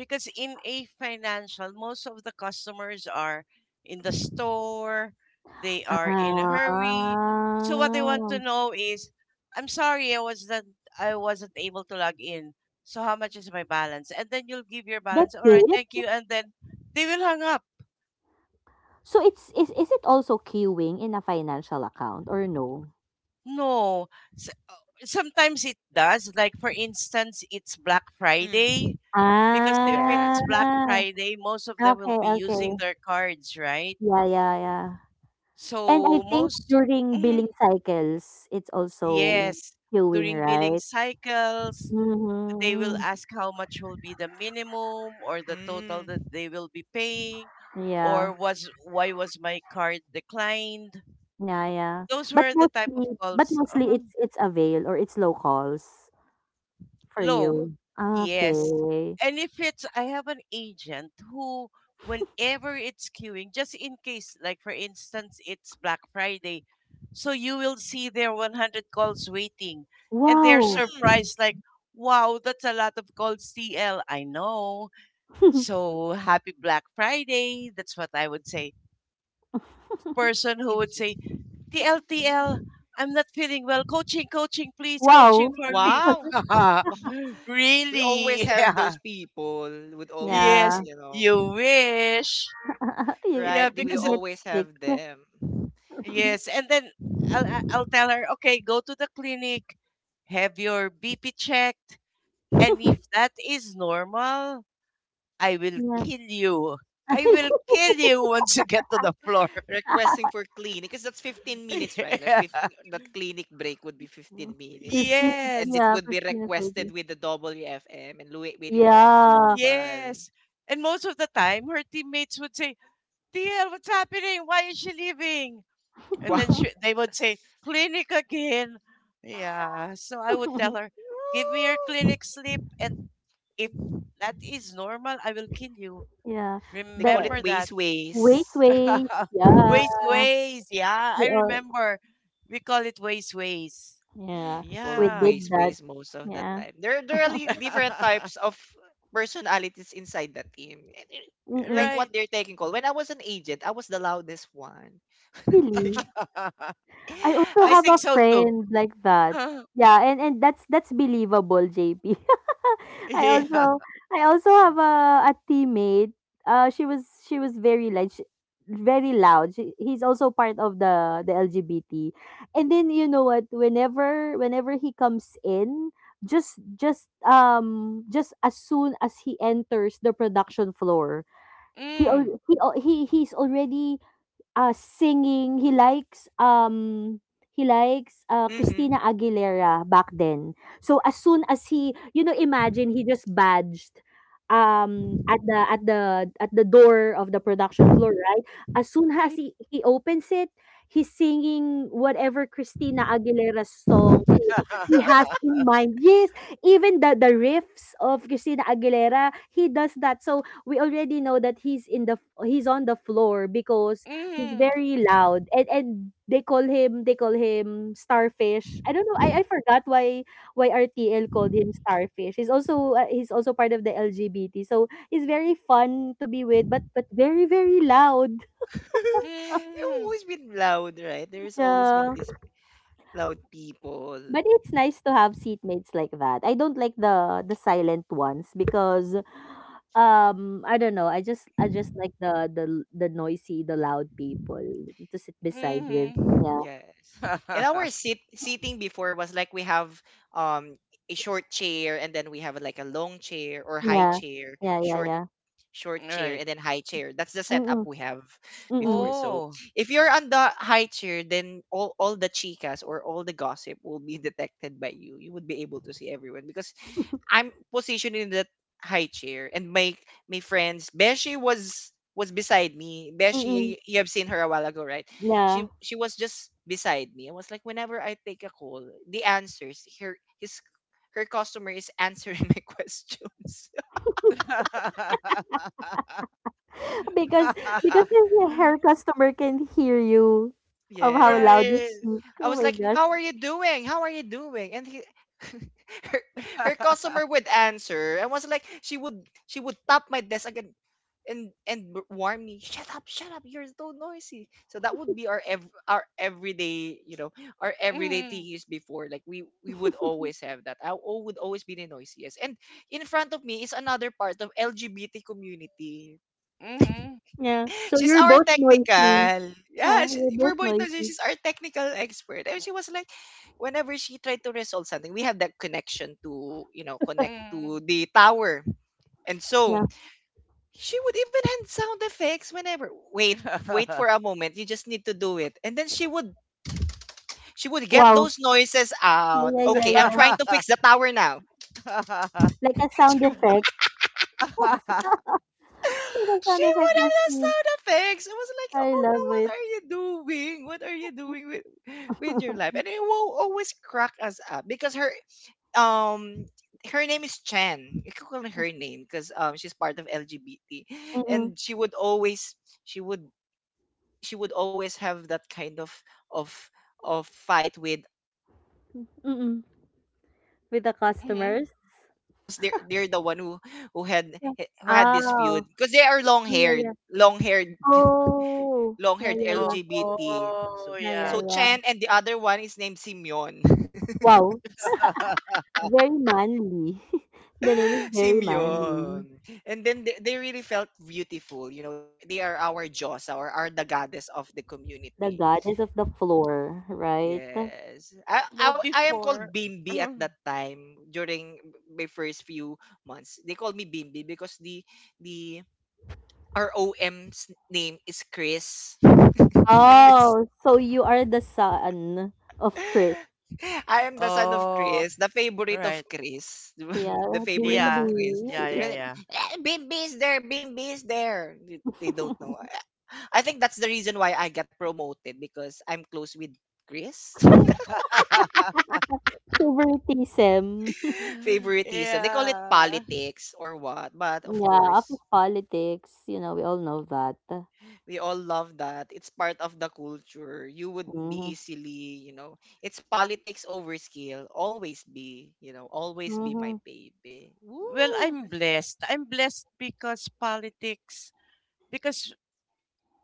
[SPEAKER 2] because in a financial most of the customers are in the store, they are in a
[SPEAKER 3] Ah,
[SPEAKER 2] hurry, so what they want to know is I'm sorry, I wasn't I wasn't able to log in, so how much is my balance, and then you'll give your
[SPEAKER 3] that's
[SPEAKER 2] balance. All right,
[SPEAKER 3] it?
[SPEAKER 2] thank you, and then they will hang up.
[SPEAKER 3] So it's is it also queuing in a financial account or no?
[SPEAKER 2] No, S- sometimes it does, like for instance it's Black
[SPEAKER 1] Mm.
[SPEAKER 2] Friday, because if
[SPEAKER 1] Yeah.
[SPEAKER 3] Ah,
[SPEAKER 2] it's Black Friday most of them will
[SPEAKER 3] okay,
[SPEAKER 2] be
[SPEAKER 3] okay.
[SPEAKER 2] using their cards, right?
[SPEAKER 3] Yeah, yeah, yeah. And I
[SPEAKER 2] So
[SPEAKER 3] think
[SPEAKER 2] most,
[SPEAKER 3] during billing
[SPEAKER 2] Mhm.
[SPEAKER 3] cycles, it's also
[SPEAKER 2] yes,
[SPEAKER 3] queuing,
[SPEAKER 2] during billing
[SPEAKER 3] right?
[SPEAKER 2] cycles, they will
[SPEAKER 3] Mm-hmm.
[SPEAKER 2] ask how much will be the minimum or the total that
[SPEAKER 1] Mm.
[SPEAKER 2] they will be paying, or
[SPEAKER 3] Yeah,
[SPEAKER 2] was why was my card declined?
[SPEAKER 3] yeah, yeah.
[SPEAKER 2] Those were the type of
[SPEAKER 3] But
[SPEAKER 2] calls.
[SPEAKER 3] mostly it's avail, or it's locals for
[SPEAKER 2] Low.
[SPEAKER 3] you.
[SPEAKER 2] Yes.
[SPEAKER 3] Okay.
[SPEAKER 2] And if it's, I have an agent who, whenever it's queuing, just in case, like for instance, it's Black Friday, so you will see their 100 calls waiting. And they're
[SPEAKER 3] Wow.
[SPEAKER 1] Mm.
[SPEAKER 2] surprised, like, wow, that's a lot of calls, TL. I know.
[SPEAKER 3] (laughs)
[SPEAKER 2] So happy Black Friday. That's what I would say. And she's the type of person who would
[SPEAKER 1] Imagine.
[SPEAKER 2] say, TL, TL,
[SPEAKER 1] Mm.
[SPEAKER 2] I'm not feeling well. Coaching, coaching, please, coaching
[SPEAKER 3] Wow.
[SPEAKER 2] for me.
[SPEAKER 1] Wow. Wa-
[SPEAKER 2] (laughs)
[SPEAKER 1] We always
[SPEAKER 2] Really? (laughs)
[SPEAKER 1] have
[SPEAKER 2] Yeah.
[SPEAKER 1] those people would always,
[SPEAKER 2] Yes,
[SPEAKER 3] Yeah.
[SPEAKER 1] you know.
[SPEAKER 2] you wish.
[SPEAKER 3] (laughs) you,
[SPEAKER 2] Yeah,
[SPEAKER 1] Right? They will
[SPEAKER 3] you
[SPEAKER 2] because,
[SPEAKER 3] get
[SPEAKER 1] always
[SPEAKER 3] sick.
[SPEAKER 1] have them.
[SPEAKER 2] yes.
[SPEAKER 3] (laughs)
[SPEAKER 2] And then I'll I'll tell her, okay, go to the clinic, have your BP checked. And if that is normal, I will
[SPEAKER 3] Yeah.
[SPEAKER 2] kill you. I will
[SPEAKER 3] (laughs)
[SPEAKER 2] kill you (laughs) once you get to the floor.
[SPEAKER 1] Requesting for clinic, because that's 15 minutes, right?
[SPEAKER 2] (laughs) Yeah.
[SPEAKER 1] That clinic break would be
[SPEAKER 3] Yeah.
[SPEAKER 1] 15 minutes.
[SPEAKER 3] 15,
[SPEAKER 1] And it
[SPEAKER 2] Yes.
[SPEAKER 3] yeah,
[SPEAKER 1] would be
[SPEAKER 3] 15 or
[SPEAKER 1] requested
[SPEAKER 3] 20.
[SPEAKER 1] with the WFM and waiting for
[SPEAKER 3] Yeah.
[SPEAKER 1] approval.
[SPEAKER 2] Yes, and most of the time, her teammates would say, "Tiel, what's happening? Why is she leaving?" And
[SPEAKER 1] Wow.
[SPEAKER 2] then she,
[SPEAKER 3] (laughs)
[SPEAKER 1] (laughs)
[SPEAKER 2] they would say, "Clinic again." Yeah, so I would tell her, "Give me your clinic slip, and if that is normal, I will kill you.
[SPEAKER 3] Yeah.
[SPEAKER 1] They call
[SPEAKER 3] The
[SPEAKER 1] it
[SPEAKER 2] Remember that."
[SPEAKER 1] ways
[SPEAKER 3] ways,
[SPEAKER 1] ways.
[SPEAKER 3] ways.
[SPEAKER 2] (laughs)
[SPEAKER 3] Yeah.
[SPEAKER 2] Waste ways. Yeah,
[SPEAKER 3] We
[SPEAKER 2] I
[SPEAKER 3] all,
[SPEAKER 2] remember. We call it waste ways.
[SPEAKER 3] yeah.
[SPEAKER 1] We
[SPEAKER 3] We
[SPEAKER 1] call
[SPEAKER 2] Yeah,
[SPEAKER 3] did
[SPEAKER 1] ways
[SPEAKER 3] that.
[SPEAKER 1] ways most of the
[SPEAKER 3] Yeah.
[SPEAKER 1] time.
[SPEAKER 3] (laughs)
[SPEAKER 1] There are really different
[SPEAKER 2] (laughs)
[SPEAKER 1] types of personalities inside the team. And it-
[SPEAKER 3] Mm-mm.
[SPEAKER 1] like what
[SPEAKER 2] right.
[SPEAKER 1] they're taking call. When I was an agent, I was the loudest one. (laughs)
[SPEAKER 3] Really?
[SPEAKER 2] (laughs)
[SPEAKER 1] Yeah,
[SPEAKER 3] I
[SPEAKER 1] I
[SPEAKER 3] also
[SPEAKER 2] I
[SPEAKER 1] was
[SPEAKER 3] have
[SPEAKER 1] the
[SPEAKER 2] think
[SPEAKER 3] a
[SPEAKER 2] so
[SPEAKER 1] loudest
[SPEAKER 2] too.
[SPEAKER 3] friend like
[SPEAKER 1] one.
[SPEAKER 3] that.
[SPEAKER 2] (laughs)
[SPEAKER 3] Yeah,
[SPEAKER 1] And
[SPEAKER 3] and
[SPEAKER 1] whenever I say, "How
[SPEAKER 3] that's
[SPEAKER 1] are you
[SPEAKER 3] believable,
[SPEAKER 1] doing?"
[SPEAKER 3] JP.
[SPEAKER 1] or
[SPEAKER 3] (laughs) I
[SPEAKER 2] Yeah.
[SPEAKER 1] "What
[SPEAKER 3] also
[SPEAKER 1] made you
[SPEAKER 3] I
[SPEAKER 1] like
[SPEAKER 3] also
[SPEAKER 1] this,
[SPEAKER 3] have
[SPEAKER 1] like that?"
[SPEAKER 3] a
[SPEAKER 1] the
[SPEAKER 3] teammate.
[SPEAKER 1] me me
[SPEAKER 3] She was
[SPEAKER 1] me
[SPEAKER 3] she was very, like sh
[SPEAKER 1] seatmates customer would
[SPEAKER 3] very
[SPEAKER 1] even
[SPEAKER 3] loud.
[SPEAKER 1] answer the
[SPEAKER 3] He's
[SPEAKER 1] questions (laughs)
[SPEAKER 3] also
[SPEAKER 1] I'm
[SPEAKER 3] part of the
[SPEAKER 1] having.
[SPEAKER 3] the LGBT. And then, you know what?
[SPEAKER 1] That's
[SPEAKER 3] Whenever
[SPEAKER 1] how loud
[SPEAKER 3] whenever
[SPEAKER 1] I
[SPEAKER 3] he comes
[SPEAKER 1] was.
[SPEAKER 3] in, just as soon as he enters the production
[SPEAKER 1] Yes.
[SPEAKER 3] floor,
[SPEAKER 1] That's how
[SPEAKER 2] Mm.
[SPEAKER 1] you know really
[SPEAKER 3] he's
[SPEAKER 1] do.
[SPEAKER 3] already
[SPEAKER 1] Ooh, what's going
[SPEAKER 3] singing. He
[SPEAKER 1] on once
[SPEAKER 3] likes
[SPEAKER 1] again?
[SPEAKER 3] um he likes uh,
[SPEAKER 1] Mm-hmm. (laughs)
[SPEAKER 3] Christina Aguilera back then. So as soon as he imagine he just badged at the door of the production floor, right? As soon as he opens it, he's singing whatever Christina Aguilera's song he has
[SPEAKER 2] (laughs)
[SPEAKER 3] in mind. Yes, even the riffs of Christina Aguilera, he does that. So we already know that he's on the floor because he's
[SPEAKER 2] Mm.
[SPEAKER 3] very loud and they call him Starfish. I don't know. I forgot why RTL called him Starfish. He's also part of the LGBT. So he's very fun to be with but very very loud. (laughs)
[SPEAKER 1] They've
[SPEAKER 2] Mhm. Mm.
[SPEAKER 1] always been loud, right? There's always been
[SPEAKER 3] Yeah.
[SPEAKER 1] this loud people.
[SPEAKER 3] But it's nice to have seatmates like that. I don't like the silent ones because I don't know. I just like the noisy, the loud people to sit beside with.
[SPEAKER 2] Mhm.
[SPEAKER 3] Yeah.
[SPEAKER 1] Yes. And our
[SPEAKER 2] (laughs)
[SPEAKER 1] sit seating before was like we have um a short chair and then we have like a long chair or high
[SPEAKER 3] Yeah.
[SPEAKER 1] chair,
[SPEAKER 3] Yeah, yeah, yeah.
[SPEAKER 1] short chair
[SPEAKER 2] Right.
[SPEAKER 1] and then high chair. That's the setup
[SPEAKER 3] Mm-mm.
[SPEAKER 1] we have
[SPEAKER 3] Mm,
[SPEAKER 1] before. So
[SPEAKER 2] Oh.
[SPEAKER 1] if you're on the high chair, then all the chicas or all the gossip will be (laughs) detected by you. You would be able to see everyone because I'm positioned in that high chair and my friends Beshi was beside me. Beshi,
[SPEAKER 3] mm.
[SPEAKER 1] you have seen her a while ago, right?
[SPEAKER 3] Yeah,
[SPEAKER 1] She was just beside me. I was like, whenever I take a call, the answers her his her customer is answering (laughs) my questions.
[SPEAKER 2] (laughs)
[SPEAKER 3] (laughs) because because if your her customer can hear you of how loud you
[SPEAKER 1] Yes.
[SPEAKER 2] Right.
[SPEAKER 3] speak.
[SPEAKER 1] I
[SPEAKER 3] Oh
[SPEAKER 1] was
[SPEAKER 3] my
[SPEAKER 1] like,
[SPEAKER 3] gosh.
[SPEAKER 1] "How are you doing? How are you doing?" And he, (laughs) her, her customer
[SPEAKER 2] (laughs)
[SPEAKER 1] would answer. I was like, she would tap my desk again and warn me, "Shut up, shut up. You're so noisy." So that would be our our everyday, you know, our everyday
[SPEAKER 2] Mhm.
[SPEAKER 1] things before. Like we would
[SPEAKER 3] (laughs)
[SPEAKER 1] always have that. Would always be the noisiest. And in front of me is another part of LGBT community
[SPEAKER 2] Mhm.
[SPEAKER 3] Yeah. So
[SPEAKER 1] she's
[SPEAKER 3] you're
[SPEAKER 1] our
[SPEAKER 3] both noisy.
[SPEAKER 1] technical.
[SPEAKER 3] Yeah,
[SPEAKER 1] Yeah,
[SPEAKER 3] you're both
[SPEAKER 1] we're both no,
[SPEAKER 3] noisy.
[SPEAKER 1] she's our technical expert. And she was like, whenever she tried to resolve something, we have that connection to, you know, connect to
[SPEAKER 2] Mhm.
[SPEAKER 1] the tower. And so
[SPEAKER 3] Yeah.
[SPEAKER 1] she would even hand sound effects whenever wait for a moment. You just need to do it. And then she would get
[SPEAKER 3] Wow.
[SPEAKER 1] those noises out.
[SPEAKER 3] Yeah, yeah,
[SPEAKER 1] Okay,
[SPEAKER 3] yeah,
[SPEAKER 1] I'm
[SPEAKER 3] yeah.
[SPEAKER 1] trying to
[SPEAKER 2] (laughs)
[SPEAKER 1] fix the tower now.
[SPEAKER 3] Like a
[SPEAKER 1] (laughs)
[SPEAKER 3] sound
[SPEAKER 1] She.
[SPEAKER 3] effect. (laughs) Like a
[SPEAKER 1] She
[SPEAKER 3] sound
[SPEAKER 1] would
[SPEAKER 3] effect
[SPEAKER 1] have done
[SPEAKER 3] machine.
[SPEAKER 1] sound effects. I was like,
[SPEAKER 3] I
[SPEAKER 1] oh no,
[SPEAKER 3] love
[SPEAKER 1] what
[SPEAKER 3] it.
[SPEAKER 1] are you doing? What are you doing with your
[SPEAKER 3] (laughs)
[SPEAKER 1] life? And it will always crack us up because her um her name is Chen. You can call her name because she's part of LGBT,
[SPEAKER 3] Mm-mm.
[SPEAKER 1] and she would she would always have that kind of of fight with another tech,
[SPEAKER 3] Mm-mm.
[SPEAKER 1] LGBT tech, (laughs)
[SPEAKER 3] With the
[SPEAKER 1] from the
[SPEAKER 2] Mhm.
[SPEAKER 3] customers.
[SPEAKER 1] other team because they're the one who who had
[SPEAKER 3] Yeah.
[SPEAKER 1] who had this feud
[SPEAKER 3] Oh.
[SPEAKER 1] because they are
[SPEAKER 3] Oh yeah, yeah. Oh.
[SPEAKER 1] long
[SPEAKER 3] Yeah,
[SPEAKER 1] haired
[SPEAKER 3] yeah, yeah.
[SPEAKER 1] LGBT.
[SPEAKER 2] Oh
[SPEAKER 1] so
[SPEAKER 3] Yeah, yeah,
[SPEAKER 2] yeah.
[SPEAKER 1] so
[SPEAKER 3] yeah.
[SPEAKER 1] Chen and the other one is named Simeon. (laughs)
[SPEAKER 3] Wow.
[SPEAKER 2] (laughs)
[SPEAKER 3] Very manly. (laughs) The name is very manly.
[SPEAKER 1] Simeon. And then they really felt beautiful. You know, they are our Josa or are the goddess of the
[SPEAKER 3] The
[SPEAKER 1] community.
[SPEAKER 3] goddess of the floor, right?
[SPEAKER 1] Yes. I, I
[SPEAKER 2] No
[SPEAKER 1] I am
[SPEAKER 2] before.
[SPEAKER 1] called Bimbi at
[SPEAKER 2] Mmm.
[SPEAKER 1] that time during my first few months. They called me Bimbi because the R O M's name is Chris. (laughs)
[SPEAKER 2] Mhm.
[SPEAKER 1] Chris.
[SPEAKER 3] Oh, so you are the son of Chris.
[SPEAKER 1] I am the son of
[SPEAKER 2] Oh,
[SPEAKER 1] Chris, the favorite
[SPEAKER 2] right.
[SPEAKER 1] of Chris. (laughs) The
[SPEAKER 3] Yeah,
[SPEAKER 1] favorite of
[SPEAKER 2] Yeah.
[SPEAKER 1] Chris.
[SPEAKER 2] Yeah,
[SPEAKER 1] So
[SPEAKER 3] BMB.
[SPEAKER 2] yeah,
[SPEAKER 1] they're like,
[SPEAKER 2] yeah.
[SPEAKER 1] "Eh, Bimbi is there, Bimbi is there." They don't know.
[SPEAKER 3] (laughs)
[SPEAKER 1] I think that's the reason why I got promoted because I'm close with Chris. (laughs)
[SPEAKER 2] (laughs)
[SPEAKER 3] Favoritism.
[SPEAKER 1] (laughs) Favoritism. They call it
[SPEAKER 2] Yeah.
[SPEAKER 1] politics or what, but of
[SPEAKER 3] Yeah,
[SPEAKER 1] course,
[SPEAKER 3] office politics. We all know that.
[SPEAKER 1] we all love that. It's part of the culture. You would be
[SPEAKER 3] Mm-hmm.
[SPEAKER 1] easily, you know, it's politics over skill. Always be, you know, always be my
[SPEAKER 3] Mm-hmm.
[SPEAKER 1] baby.
[SPEAKER 2] Well,
[SPEAKER 1] Woo!
[SPEAKER 2] I'm blessed. I'm blessed because politics, because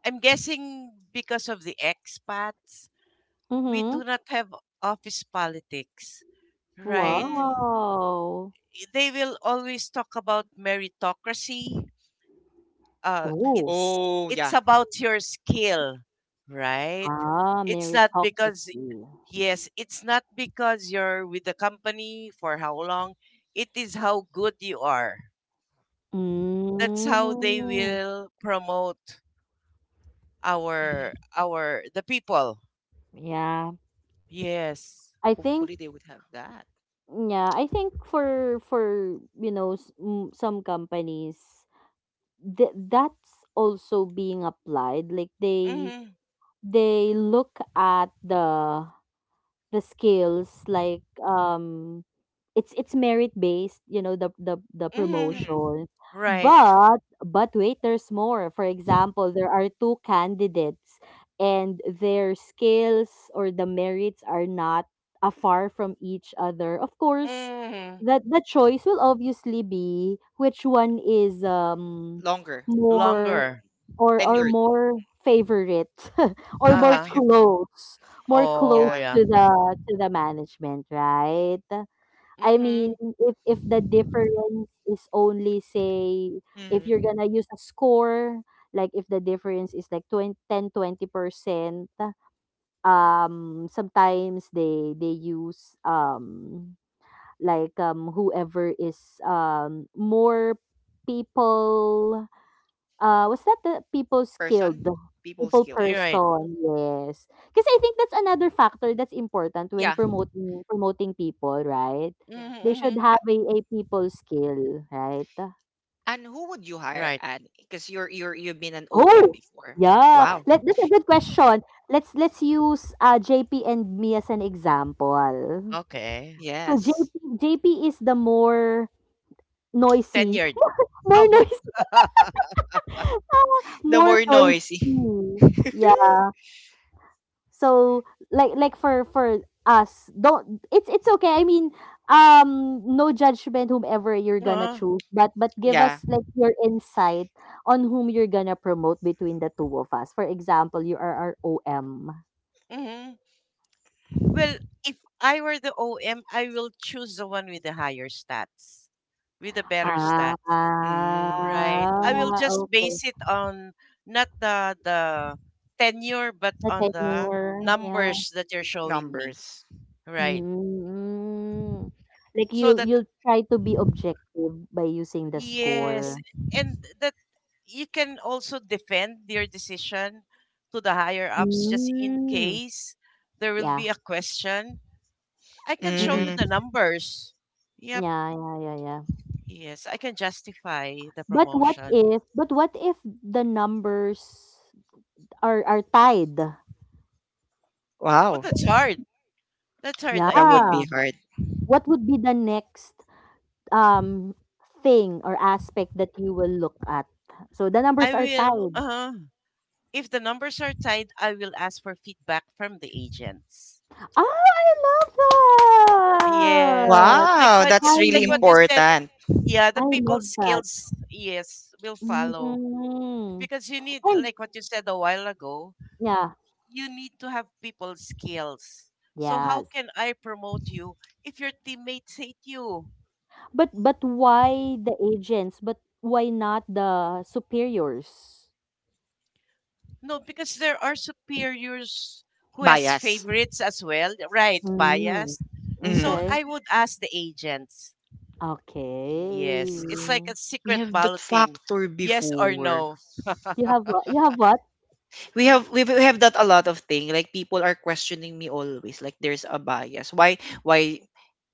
[SPEAKER 2] I'm guessing because of the expats, we
[SPEAKER 3] Mm-hmm.
[SPEAKER 2] do not have office politics, right?
[SPEAKER 1] Mm.
[SPEAKER 3] Wow.
[SPEAKER 2] They will always talk about meritocracy, uh,
[SPEAKER 3] Ooh.
[SPEAKER 2] it's
[SPEAKER 1] Oh,
[SPEAKER 2] it's
[SPEAKER 1] yeah.
[SPEAKER 2] about your skill, right?
[SPEAKER 3] Ah,
[SPEAKER 2] It's not because
[SPEAKER 3] meritocracy.
[SPEAKER 2] yes, it's not because you're with the company for how long. It is how good you are. That's how they
[SPEAKER 3] Mm.
[SPEAKER 2] will promote our
[SPEAKER 1] Hmm.
[SPEAKER 2] our the people.
[SPEAKER 3] Yeah.
[SPEAKER 2] Yes.
[SPEAKER 3] I think
[SPEAKER 1] Hopefully, they would have that.
[SPEAKER 3] Yeah, I think for some companies that's also being applied. Like they
[SPEAKER 2] Mhm.
[SPEAKER 3] they look at the skills like it's merit based, the
[SPEAKER 2] Mhm.
[SPEAKER 1] Hmm.
[SPEAKER 3] promotion.
[SPEAKER 2] Right.
[SPEAKER 3] But wait, there's more. For example, there are two candidates and their skills or the merits are not afar from each other. Of course,
[SPEAKER 2] Mhm.
[SPEAKER 3] that the choice will obviously be which one is
[SPEAKER 1] Longer, you
[SPEAKER 3] more
[SPEAKER 1] know,
[SPEAKER 2] Longer.
[SPEAKER 3] or
[SPEAKER 1] tenured.
[SPEAKER 3] more favorite (laughs) or
[SPEAKER 1] (laughs) I
[SPEAKER 2] Uh-huh.
[SPEAKER 1] feel,
[SPEAKER 3] more
[SPEAKER 2] Oh
[SPEAKER 3] close
[SPEAKER 1] yeah.
[SPEAKER 2] yeah.
[SPEAKER 3] to the management, right. I
[SPEAKER 2] Mhm.
[SPEAKER 3] mean, if the difference is only say, if you're
[SPEAKER 1] Hmm.
[SPEAKER 3] gonna use a score, like if the difference is like 20, ten, 20%, sometimes they use like whoever is more people, was that the people skilled?
[SPEAKER 1] Person, people
[SPEAKER 3] People
[SPEAKER 1] skill.
[SPEAKER 2] Right.
[SPEAKER 3] person,
[SPEAKER 2] Right.
[SPEAKER 3] yes. Because I think that's another factor that's important when
[SPEAKER 1] Yeah.
[SPEAKER 3] promoting people, right?
[SPEAKER 1] Yeah.
[SPEAKER 3] They
[SPEAKER 2] Mhm.
[SPEAKER 3] should
[SPEAKER 2] Mhm.
[SPEAKER 3] have a people skill, right?
[SPEAKER 1] And who would you hire,
[SPEAKER 2] Right.
[SPEAKER 1] Anne? Because you've been an OM
[SPEAKER 3] Oh,
[SPEAKER 1] before.
[SPEAKER 3] yeah.
[SPEAKER 1] Wow.
[SPEAKER 3] That's a good question. Let's use JP and me as an example.
[SPEAKER 2] Okay.
[SPEAKER 3] So
[SPEAKER 1] Yes.
[SPEAKER 3] JP is the more noisy,
[SPEAKER 2] Tenured.
[SPEAKER 3] (laughs) more
[SPEAKER 2] Oh.
[SPEAKER 3] noisy,
[SPEAKER 2] (laughs)
[SPEAKER 3] (laughs)
[SPEAKER 1] The
[SPEAKER 3] more
[SPEAKER 1] more noisy.
[SPEAKER 3] noisy.
[SPEAKER 1] (laughs)
[SPEAKER 3] Yeah. So like for us, don't it's okay. I mean, no judgment whomever you're gonna
[SPEAKER 2] Uh,
[SPEAKER 3] choose, but give
[SPEAKER 1] Yeah.
[SPEAKER 3] us like your insight on whom you're gonna promote between the two of us. For example, you are our OM.
[SPEAKER 2] hmm Well, if I were the OM, I will choose the one with the higher stats, with the better stats,
[SPEAKER 1] Mm,
[SPEAKER 2] right?
[SPEAKER 3] Ah,
[SPEAKER 2] I will just
[SPEAKER 3] okay.
[SPEAKER 2] base it on not the tenure, but
[SPEAKER 3] The
[SPEAKER 2] on the
[SPEAKER 3] tenure, yeah.
[SPEAKER 2] numbers that you're showing me,
[SPEAKER 1] numbers.
[SPEAKER 2] right?
[SPEAKER 3] Mm. Like
[SPEAKER 2] So
[SPEAKER 3] you'll
[SPEAKER 2] that
[SPEAKER 3] you'll try to be objective by using the
[SPEAKER 2] yes,
[SPEAKER 3] score.
[SPEAKER 2] and that you can also defend your decision to the higher ups, just in
[SPEAKER 3] Mm.
[SPEAKER 2] case there will
[SPEAKER 3] Yeah.
[SPEAKER 2] be a question I can show you
[SPEAKER 3] Mm-mm.
[SPEAKER 1] Mm,
[SPEAKER 2] the numbers. Yep.
[SPEAKER 3] Yeah, yeah, yeah, yeah.
[SPEAKER 2] Yes, I can justify the
[SPEAKER 3] But what
[SPEAKER 2] promotion.
[SPEAKER 3] if but what if the numbers are tied?
[SPEAKER 2] Oh,
[SPEAKER 1] wow.
[SPEAKER 2] that's hard. (laughs) That's hard. I
[SPEAKER 1] That would be
[SPEAKER 3] Yeah.
[SPEAKER 2] mean,
[SPEAKER 1] hard.
[SPEAKER 3] What would be the next um thing or aspect that you will look at? So the
[SPEAKER 2] I
[SPEAKER 3] numbers are
[SPEAKER 2] will.
[SPEAKER 3] tied.
[SPEAKER 2] If the numbers are tight, I will ask for feedback from the agents.
[SPEAKER 3] Ah, I love
[SPEAKER 2] Yes,
[SPEAKER 3] that.
[SPEAKER 1] Wow.
[SPEAKER 3] I
[SPEAKER 1] That's really
[SPEAKER 2] like what
[SPEAKER 3] lo-
[SPEAKER 2] you said.
[SPEAKER 1] important.
[SPEAKER 2] Yeah, the
[SPEAKER 3] I
[SPEAKER 2] people
[SPEAKER 3] love that.
[SPEAKER 2] skills. Yes, will follow
[SPEAKER 3] Mm.
[SPEAKER 2] because you need
[SPEAKER 3] And
[SPEAKER 2] like what you said a while ago.
[SPEAKER 3] yeah,
[SPEAKER 2] You need to have people skills. So how
[SPEAKER 3] yes.
[SPEAKER 2] can I promote you if your teammates hate you?
[SPEAKER 3] But why the agents? But why not the superiors?
[SPEAKER 2] No, because there are superiors who has
[SPEAKER 1] Bias.
[SPEAKER 2] favorites as well, right?
[SPEAKER 3] Mm.
[SPEAKER 2] Biased. So
[SPEAKER 1] Mm.
[SPEAKER 3] Okay.
[SPEAKER 2] I would ask the agents. Yes, it's like
[SPEAKER 3] Okay.
[SPEAKER 2] a
[SPEAKER 1] We
[SPEAKER 2] secret
[SPEAKER 1] have that
[SPEAKER 2] balloting.
[SPEAKER 1] factor
[SPEAKER 2] Yes or
[SPEAKER 1] before.
[SPEAKER 2] no.
[SPEAKER 3] You have what? You have what?
[SPEAKER 1] We have that a lot of thing, like people are questioning me always, like there's a bias, why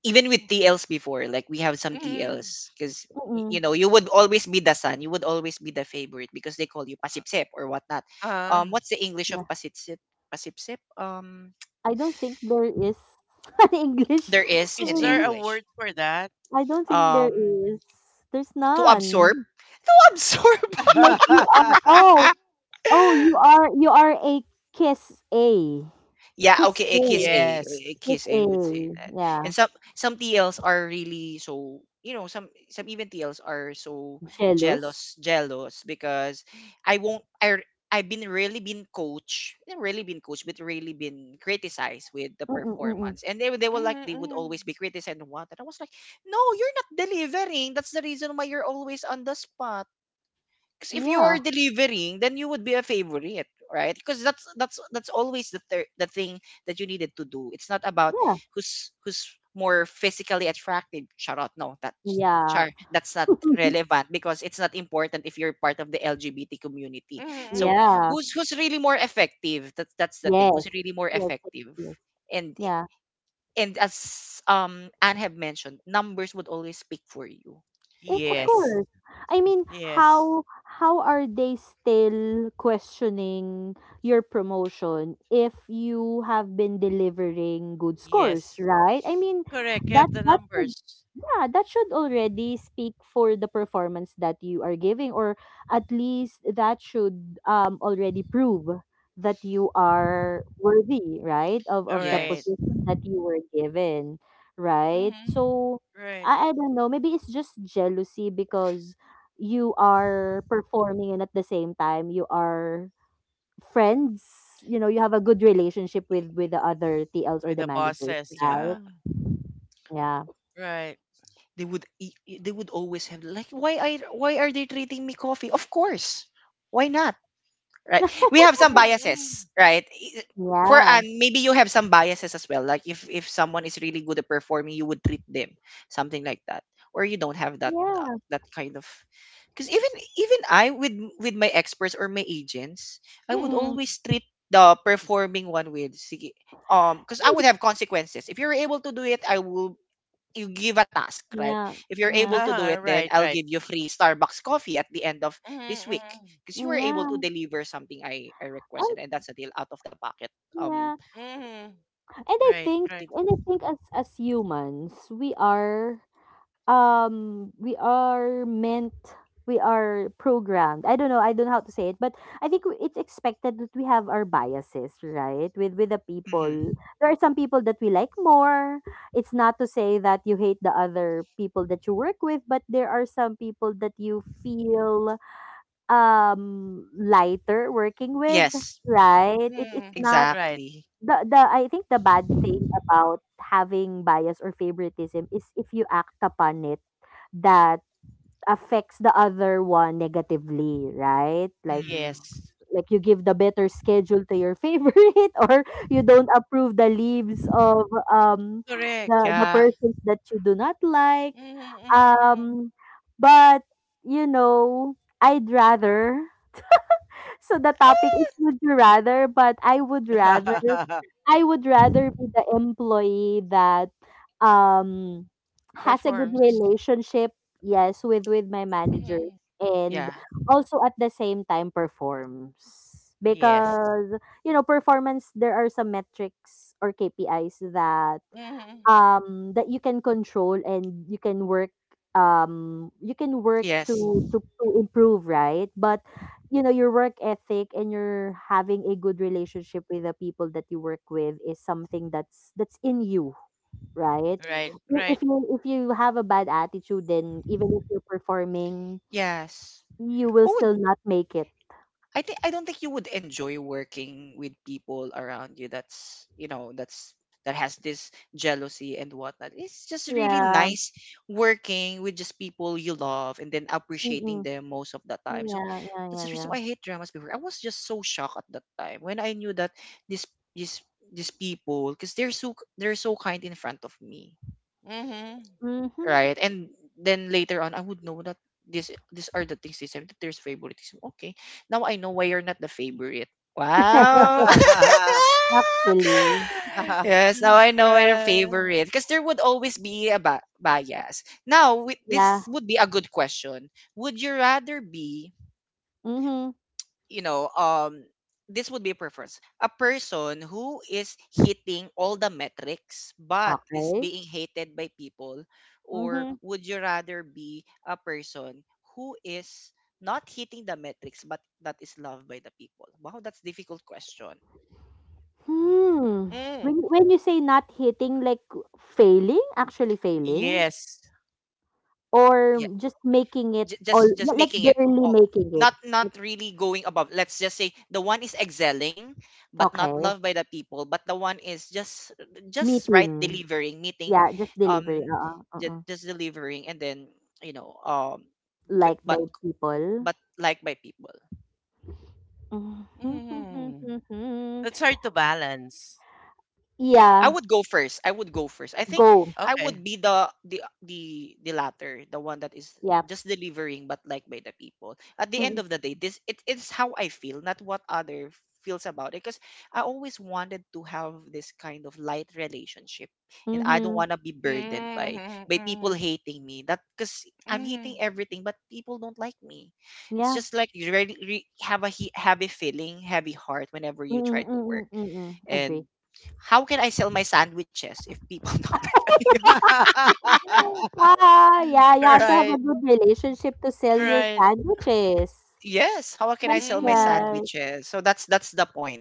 [SPEAKER 1] even with TLs before, like we have some
[SPEAKER 2] Mm,
[SPEAKER 1] TLs because, you
[SPEAKER 3] Mm-mm.
[SPEAKER 1] know, you would always be the son, you would always be the favorite because they call you pasipsip or whatnot.
[SPEAKER 2] uh,
[SPEAKER 1] Um, what's the English of
[SPEAKER 3] Yeah.
[SPEAKER 1] pasipsip? Pasipsip, um,
[SPEAKER 3] I don't think there is (laughs) an
[SPEAKER 1] (tsk)
[SPEAKER 3] English.
[SPEAKER 1] there is
[SPEAKER 3] An
[SPEAKER 1] in
[SPEAKER 2] is there a
[SPEAKER 3] English.
[SPEAKER 1] English.
[SPEAKER 2] word for that?
[SPEAKER 3] I don't think there
[SPEAKER 1] Um,
[SPEAKER 3] is. There's
[SPEAKER 1] to
[SPEAKER 3] none.
[SPEAKER 1] absorb. (laughs) To absorb.
[SPEAKER 3] Like you are.
[SPEAKER 2] (laughs)
[SPEAKER 3] Oh, oh, you
[SPEAKER 1] (laughs)
[SPEAKER 3] are. You are a kiss a.
[SPEAKER 1] Yeah,
[SPEAKER 3] Kiss
[SPEAKER 1] okay, eh, Kiss
[SPEAKER 3] a.
[SPEAKER 1] A.
[SPEAKER 2] Yes.
[SPEAKER 1] Eh,
[SPEAKER 3] Kiss
[SPEAKER 1] Kiss
[SPEAKER 3] a.
[SPEAKER 1] A would say that.
[SPEAKER 3] Yeah.
[SPEAKER 1] And some TLs are really so, you know, some even TLs are so
[SPEAKER 3] Jealous.
[SPEAKER 1] jealous, jealous because I won't I r- I've been really been coached, not really been coached, but really been criticized with the
[SPEAKER 3] Mm-mm, mm-mm.
[SPEAKER 1] performance. And they were
[SPEAKER 2] Mhm,
[SPEAKER 1] like they would
[SPEAKER 2] mhm,
[SPEAKER 1] always be criticized and what, and I was like, no, you're not delivering. That's the reason why you're always on the spot. Because if you are
[SPEAKER 3] Yeah.
[SPEAKER 1] delivering, then you would be a favorite, right? Because that's always the the thing that you needed to do. It's not about
[SPEAKER 3] Yeah.
[SPEAKER 1] who's more physically attractive. Charot, no, that
[SPEAKER 3] Yeah.
[SPEAKER 1] char, that's not
[SPEAKER 3] (laughs)
[SPEAKER 1] relevant because it's not important if you're part of the LGBT community.
[SPEAKER 2] mhm,
[SPEAKER 1] So
[SPEAKER 2] mhm,
[SPEAKER 3] yeah.
[SPEAKER 2] mhm.
[SPEAKER 1] who's really more effective? That's the thing.
[SPEAKER 3] Yes.
[SPEAKER 1] Who's really more
[SPEAKER 3] Yes. Yes.
[SPEAKER 1] effective?
[SPEAKER 3] Yes.
[SPEAKER 1] And
[SPEAKER 3] Yeah.
[SPEAKER 1] and as, um, Anne have mentioned, numbers would always speak for you,
[SPEAKER 3] If of
[SPEAKER 1] right?
[SPEAKER 2] Yes.
[SPEAKER 3] course. I mean,
[SPEAKER 2] Yes.
[SPEAKER 3] how are they still questioning your promotion if you have been delivering good scores,
[SPEAKER 2] Yes.
[SPEAKER 3] right? I mean,
[SPEAKER 2] Correct. You
[SPEAKER 3] that
[SPEAKER 2] have the
[SPEAKER 3] that's a
[SPEAKER 2] numbers.
[SPEAKER 3] yeah, that should already speak for the performance that you are giving, or at least that should already prove that you are worthy, right, of
[SPEAKER 2] All
[SPEAKER 3] of the
[SPEAKER 2] right.
[SPEAKER 1] Yes.
[SPEAKER 3] position that you were given, right?
[SPEAKER 2] Mm-hmm.
[SPEAKER 3] So
[SPEAKER 2] Right.
[SPEAKER 3] I don't know, maybe it's just jealousy because you are performing and at the same time you are friends, you have a good relationship with the other T Ls or
[SPEAKER 2] With
[SPEAKER 3] the
[SPEAKER 2] the
[SPEAKER 3] managers,
[SPEAKER 2] bosses.
[SPEAKER 1] Yeah.
[SPEAKER 3] right?
[SPEAKER 2] Ah.
[SPEAKER 3] Yeah.
[SPEAKER 2] Right.
[SPEAKER 1] They would eat, they would always have like, why I, why are they treating me coffee? Of course, why not? Right?
[SPEAKER 3] (laughs)
[SPEAKER 1] We have some
[SPEAKER 2] Mm-hmm.
[SPEAKER 1] biases, right? I- for,
[SPEAKER 3] Yeah.
[SPEAKER 1] and maybe you have some biases as well. Like if someone is really good at performing, you would treat them something like that, or you don't have that,
[SPEAKER 3] Yeah.
[SPEAKER 1] that kind of. Because even even I with my experts or my agents, I would
[SPEAKER 2] Mm-hmm.
[SPEAKER 3] Mm.
[SPEAKER 2] Mm-hmm.
[SPEAKER 1] always treat the performing one with sige, um, because I would have
[SPEAKER 3] (laughs)
[SPEAKER 1] consequences. If you're able to do it, I will you give a task, right?
[SPEAKER 3] Yeah,
[SPEAKER 1] If you're
[SPEAKER 3] yeah,
[SPEAKER 1] able to do it,
[SPEAKER 2] Uh-huh.
[SPEAKER 1] then
[SPEAKER 2] Right.
[SPEAKER 1] I'll
[SPEAKER 2] Right.
[SPEAKER 1] give you free Starbucks coffee at the end of
[SPEAKER 2] Mm-hmm.
[SPEAKER 1] this week
[SPEAKER 2] Mm-hmm.
[SPEAKER 1] because you were able to
[SPEAKER 3] yeah,
[SPEAKER 1] deliver something I requested,
[SPEAKER 3] and
[SPEAKER 1] and that's a deal out of the pocket. Um,
[SPEAKER 3] yeah,
[SPEAKER 2] Mm-hmm,
[SPEAKER 3] and I
[SPEAKER 2] right.
[SPEAKER 3] think
[SPEAKER 2] Right.
[SPEAKER 3] and I
[SPEAKER 1] activ-
[SPEAKER 3] think as humans, we are meant we are programmed. I don't know how to say it, but it's expected that we have our biases, right? With the
[SPEAKER 1] (clears throat)
[SPEAKER 3] people. There are some people that we like more. It's not to say that you hate the other people that you work with, but there are some people that you feel lighter working with,
[SPEAKER 1] yes,
[SPEAKER 3] right? It's
[SPEAKER 2] Mm-hmm.
[SPEAKER 3] not
[SPEAKER 2] Right.
[SPEAKER 1] exactly.
[SPEAKER 3] the, the I think the bad thing about having bias or favoritism is if you act upon it that affects the other one negatively, right? Like
[SPEAKER 1] Mm,
[SPEAKER 2] Yes.
[SPEAKER 3] like you give the better schedule to your favorite (laughs) or you don't approve the leaves of um
[SPEAKER 2] Correct.
[SPEAKER 3] the
[SPEAKER 1] yeah,
[SPEAKER 3] persons that you do not like.
[SPEAKER 2] Mm-hmm.
[SPEAKER 3] Um but I'd rather so the topic is would you rather, but I would rather
[SPEAKER 2] Mm-hmm. (laughs)
[SPEAKER 3] I would rather be the employee that um has a good
[SPEAKER 2] Performs.
[SPEAKER 3] relationship, yes, with my managers
[SPEAKER 2] Mm-hmm.
[SPEAKER 1] yeah,
[SPEAKER 3] and also at the same time performs.
[SPEAKER 2] Yes.
[SPEAKER 3] Because, performance there are some metrics or KPIs that
[SPEAKER 2] Mm-hmm.
[SPEAKER 3] that you can control and you can work
[SPEAKER 1] yes,
[SPEAKER 3] to improve, right, but you know your work ethic and your having a good relationship with the people that you work with is something that's in you, right.
[SPEAKER 2] Right. Right.
[SPEAKER 3] If you have a bad attitude then even if you're performing
[SPEAKER 1] yes.
[SPEAKER 3] you will
[SPEAKER 1] Who would?
[SPEAKER 3] still not make it.
[SPEAKER 1] I think I don't think you would enjoy working with people around you that's, you know, that's that has this jealousy and whatnot. It's just really
[SPEAKER 3] Yeah.
[SPEAKER 1] nice working with just people you love and then appreciating
[SPEAKER 3] Mm-mm.
[SPEAKER 1] them most of the time. So
[SPEAKER 3] Yeah, yeah,
[SPEAKER 1] that's the
[SPEAKER 3] yeah,
[SPEAKER 1] reason
[SPEAKER 3] yeah.
[SPEAKER 1] why I hate dramas before. I was just so shocked at that time when I knew that this this these people, because they're so, they're so kind in front of me,
[SPEAKER 2] Mm-hmm.
[SPEAKER 3] Mm-hmm.
[SPEAKER 1] right? And then later on, I would know that this these are the things they said, that there's favoritism. Okay, now I know why you're not the favorite. Wow.
[SPEAKER 3] (laughs)
[SPEAKER 2] (laughs)
[SPEAKER 3] Actually,
[SPEAKER 1] (laughs) Yes, now I know your
[SPEAKER 2] Right.
[SPEAKER 1] favorite because there would always be a bias. Now, with,
[SPEAKER 3] yeah.
[SPEAKER 1] this would be a good question. Would you rather be,
[SPEAKER 3] Mm-hmm.
[SPEAKER 1] you know, this would be preference. A person who is hitting all the metrics but is
[SPEAKER 3] Okay.
[SPEAKER 1] being hated by people, or
[SPEAKER 3] Mhm.
[SPEAKER 1] would you rather be a person who is not hitting the metrics but that is loved by the people? Wow, that's difficult question.
[SPEAKER 3] Hmm.
[SPEAKER 2] Mm.
[SPEAKER 3] When you say not hitting, like failing, actually failing,
[SPEAKER 2] Yes.
[SPEAKER 3] or just making it, or
[SPEAKER 1] Just
[SPEAKER 3] like
[SPEAKER 1] making it
[SPEAKER 3] barely
[SPEAKER 1] all,
[SPEAKER 3] making it.
[SPEAKER 1] not not really going above, let's just say the one is excelling but not
[SPEAKER 3] Okay.
[SPEAKER 1] loved by the people, but the one is just right
[SPEAKER 3] Meeting.
[SPEAKER 1] delivering, meeting,
[SPEAKER 3] Yeah, just
[SPEAKER 1] um,
[SPEAKER 3] delivery. Uh-uh. Uh-uh.
[SPEAKER 1] just delivering and then, you know, um, b-
[SPEAKER 3] Liked by
[SPEAKER 1] but
[SPEAKER 3] people.
[SPEAKER 1] but
[SPEAKER 3] (laughs)
[SPEAKER 1] liked by people.
[SPEAKER 2] Mm. That's
[SPEAKER 3] Mm-hmm.
[SPEAKER 2] hard to balance.
[SPEAKER 1] I
[SPEAKER 3] Yeah.
[SPEAKER 1] would go first. I would go first. I think
[SPEAKER 3] Go.
[SPEAKER 1] I
[SPEAKER 2] Okay.
[SPEAKER 1] would be the the latter, the one that is
[SPEAKER 3] Yeah.
[SPEAKER 1] just delivering but like by the people. At the end
[SPEAKER 3] Mm-hmm.
[SPEAKER 1] of the day, this, it, it's how I feel, not what other feels about it. Because I always wanted to have this kind of light relationship, and I don't want to be burdened by
[SPEAKER 2] Mm-hmm.
[SPEAKER 1] people
[SPEAKER 2] Mm-hmm.
[SPEAKER 1] hating me. That, because I'm
[SPEAKER 2] Mm-hmm.
[SPEAKER 1] hating everything, but people don't like me. It's
[SPEAKER 3] Yeah.
[SPEAKER 1] just like you really, have a have a feeling, heavy heart whenever you try to work,
[SPEAKER 3] Mm-mm-mm-mm-mm.
[SPEAKER 1] and
[SPEAKER 3] Agree.
[SPEAKER 1] how can I sell my sandwiches if people (laughs) don't like me?
[SPEAKER 2] (laughs)
[SPEAKER 3] Ah, yeah, you have to have a
[SPEAKER 2] Right.
[SPEAKER 3] good relationship to sell your
[SPEAKER 2] Right.
[SPEAKER 3] sandwiches.
[SPEAKER 1] Yes, how can I
[SPEAKER 3] That's
[SPEAKER 1] sell my
[SPEAKER 2] Mm.
[SPEAKER 3] right.
[SPEAKER 1] sandwiches? So that's the point.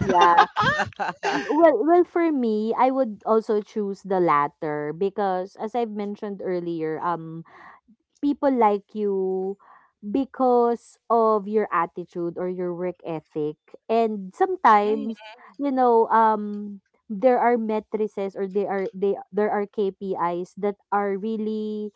[SPEAKER 3] Yeah.
[SPEAKER 2] (laughs)
[SPEAKER 3] Well, for me, I would also choose the latter because, as I've mentioned earlier, people like you because of your attitude or your work ethic, and
[SPEAKER 2] Mm.
[SPEAKER 3] sometimes you know um there are matrices or they are they there are KPIs that are really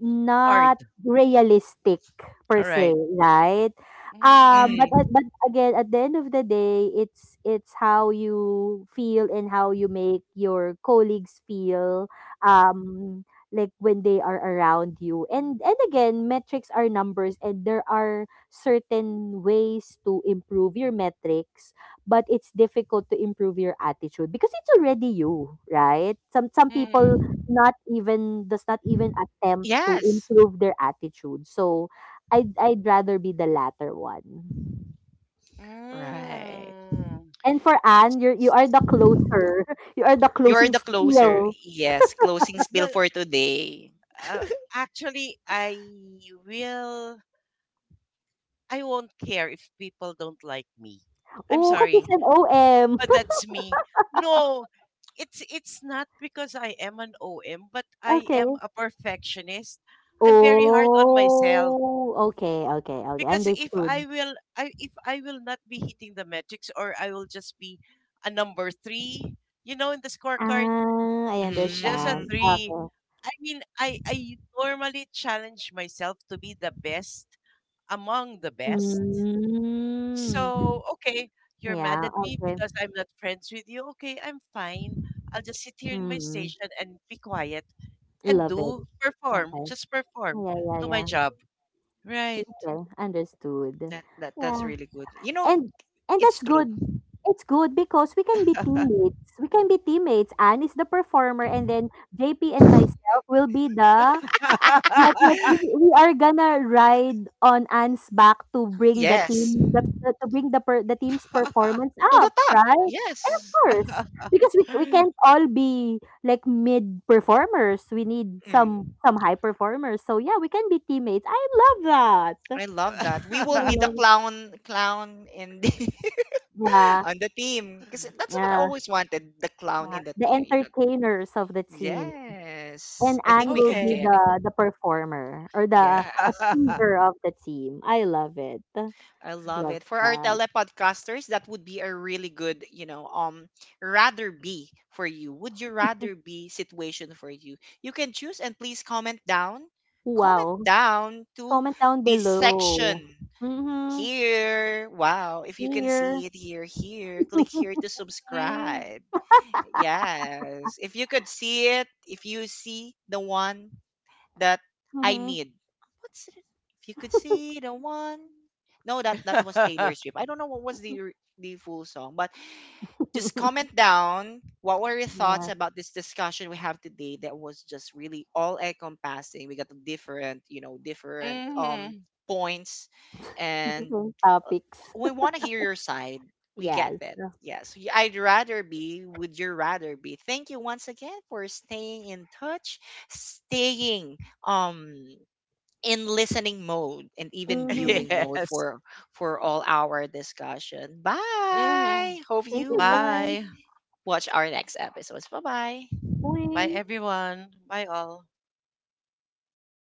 [SPEAKER 3] not
[SPEAKER 2] Hard.
[SPEAKER 3] realistic per
[SPEAKER 2] All
[SPEAKER 3] se,
[SPEAKER 2] right.
[SPEAKER 3] right.
[SPEAKER 2] Mm.
[SPEAKER 3] But,
[SPEAKER 1] Mm.
[SPEAKER 3] but again at the end of the day it's how you feel and how you make your colleagues feel, um like when they are around you. And again, metrics are numbers and there are certain ways to improve your metrics, but it's difficult to improve your attitude because it's already you, right. Some people
[SPEAKER 2] Mm.
[SPEAKER 3] not even does not even attempt to
[SPEAKER 1] Yes.
[SPEAKER 3] improve their attitude, so I'd rather be the latter one.
[SPEAKER 1] Right.
[SPEAKER 2] Mm.
[SPEAKER 3] And for Anne, you are the closer. (laughs) You are the
[SPEAKER 1] You're the
[SPEAKER 3] closing
[SPEAKER 1] closer.
[SPEAKER 3] skill.
[SPEAKER 1] Yes, closing spiel
[SPEAKER 2] Well,
[SPEAKER 1] for today.
[SPEAKER 2] uh, actually, I will. I won't care if people don't like me. I'm
[SPEAKER 3] Oh, kasi
[SPEAKER 2] sorry,
[SPEAKER 3] she's an OM.
[SPEAKER 2] but that's me. No, it's not because I am an OM, but
[SPEAKER 3] (laughs)
[SPEAKER 2] I am
[SPEAKER 3] Okay.
[SPEAKER 2] a perfectionist. I'm very hard on myself,
[SPEAKER 3] Oh, okay, okay, okay,
[SPEAKER 2] because if I
[SPEAKER 3] understood.
[SPEAKER 2] will I if I will not be hitting the metrics, or I will just be a number three, you know, in the scorecard,
[SPEAKER 3] Ah, I
[SPEAKER 2] she's just a
[SPEAKER 3] understand.
[SPEAKER 1] Mm.
[SPEAKER 2] three.
[SPEAKER 3] Okay.
[SPEAKER 2] I mean, I normally challenge myself to be the best among the best.
[SPEAKER 3] Mm.
[SPEAKER 2] So okay, you're mad
[SPEAKER 3] Yeah,
[SPEAKER 2] at me
[SPEAKER 3] okay.
[SPEAKER 2] because I'm not friends with you. Okay, I'm fine. I'll just sit here in my
[SPEAKER 3] Mm.
[SPEAKER 2] station and be quiet and
[SPEAKER 3] Love it.
[SPEAKER 2] do perform,
[SPEAKER 3] Okay.
[SPEAKER 2] just perform,
[SPEAKER 3] Yeah, yeah,
[SPEAKER 2] do my
[SPEAKER 3] yeah.
[SPEAKER 2] job. Right.
[SPEAKER 3] Okay, understood.
[SPEAKER 1] That's
[SPEAKER 3] Yeah.
[SPEAKER 1] really good. You know,
[SPEAKER 3] And and
[SPEAKER 1] it's
[SPEAKER 3] that's
[SPEAKER 1] true.
[SPEAKER 3] good. It's good because we can be teammates. We can be teammates. Anne is the performer and then JP and myself will be the Yup, yup, we
[SPEAKER 2] (laughs)
[SPEAKER 1] (gasps)
[SPEAKER 3] we
[SPEAKER 1] (laughs)
[SPEAKER 3] are gonna ride on Anne's back to bring the
[SPEAKER 1] Yes.
[SPEAKER 3] team the to bring the per the team's performance
[SPEAKER 1] To the
[SPEAKER 3] up,
[SPEAKER 1] top.
[SPEAKER 3] right? And of
[SPEAKER 1] Yes.
[SPEAKER 3] course,
[SPEAKER 2] (laughs)
[SPEAKER 3] because we can't all be like mid performers. We need some
[SPEAKER 1] Mm.
[SPEAKER 3] some high performers. So yeah, we can be teammates. I love that.
[SPEAKER 1] I love that. We will
[SPEAKER 3] I
[SPEAKER 1] be the
[SPEAKER 3] love
[SPEAKER 1] clown in the (laughs)
[SPEAKER 3] Yeah,
[SPEAKER 1] on the team because that's what I
[SPEAKER 3] yeah,
[SPEAKER 1] always wanted, the clown
[SPEAKER 3] yeah.
[SPEAKER 1] in the
[SPEAKER 3] The
[SPEAKER 1] team, you know.
[SPEAKER 3] entertainers of the team.
[SPEAKER 1] Yes.
[SPEAKER 3] And
[SPEAKER 1] I think
[SPEAKER 3] Anne
[SPEAKER 1] we
[SPEAKER 3] will
[SPEAKER 1] could
[SPEAKER 3] be
[SPEAKER 2] Okay.
[SPEAKER 1] carry.
[SPEAKER 3] the performer or the
[SPEAKER 1] Yes.
[SPEAKER 3] achiever
[SPEAKER 2] (laughs)
[SPEAKER 3] of the team. I love it.
[SPEAKER 1] I love
[SPEAKER 3] Love
[SPEAKER 1] it. For our
[SPEAKER 3] that.
[SPEAKER 1] telepodcasters, that would be a really good, you know, um, rather be for you. Would you rather be situation for you? You can choose and please comment down. Comment
[SPEAKER 3] Wow.
[SPEAKER 1] down to
[SPEAKER 3] Comment down
[SPEAKER 1] this
[SPEAKER 3] below.
[SPEAKER 1] section
[SPEAKER 3] Mhm.
[SPEAKER 1] here. Wow, if you can
[SPEAKER 3] Here.
[SPEAKER 1] see it here, here, click here to
[SPEAKER 2] Mm.
[SPEAKER 1] subscribe. Yes. If you could see it, if you see the one that I
[SPEAKER 3] Mhm.
[SPEAKER 1] need. What's it? If you could see the one. No, that, that was Taylor Swift. I don't know what was the the full song. But just
[SPEAKER 3] (laughs)
[SPEAKER 1] comment down what were your thoughts
[SPEAKER 3] Yeah,
[SPEAKER 1] about this discussion we have today, that was just really all encompassing. We got the different, you know, different,
[SPEAKER 2] Mm-hmm.
[SPEAKER 1] um, points,
[SPEAKER 3] (laughs)
[SPEAKER 1] and,
[SPEAKER 3] different
[SPEAKER 1] uh,
[SPEAKER 3] topics.
[SPEAKER 1] we
[SPEAKER 3] (laughs)
[SPEAKER 1] want to hear your side. We get
[SPEAKER 3] Yes.
[SPEAKER 1] that. Yes, I'd rather be, would you rather be. Thank you once again for staying in touch, staying um, in listening mode and even
[SPEAKER 3] Mhm.
[SPEAKER 1] viewing mode
[SPEAKER 2] Yes.
[SPEAKER 1] for all our discussion.
[SPEAKER 2] Mm-hmm.
[SPEAKER 1] Bye. Hope
[SPEAKER 3] Thank
[SPEAKER 1] you
[SPEAKER 3] you,
[SPEAKER 1] would
[SPEAKER 3] guys.
[SPEAKER 2] Bye.
[SPEAKER 1] watch our next episodes. Bye bye.
[SPEAKER 2] Bye,
[SPEAKER 3] Bye.
[SPEAKER 2] everyone. Bye, all.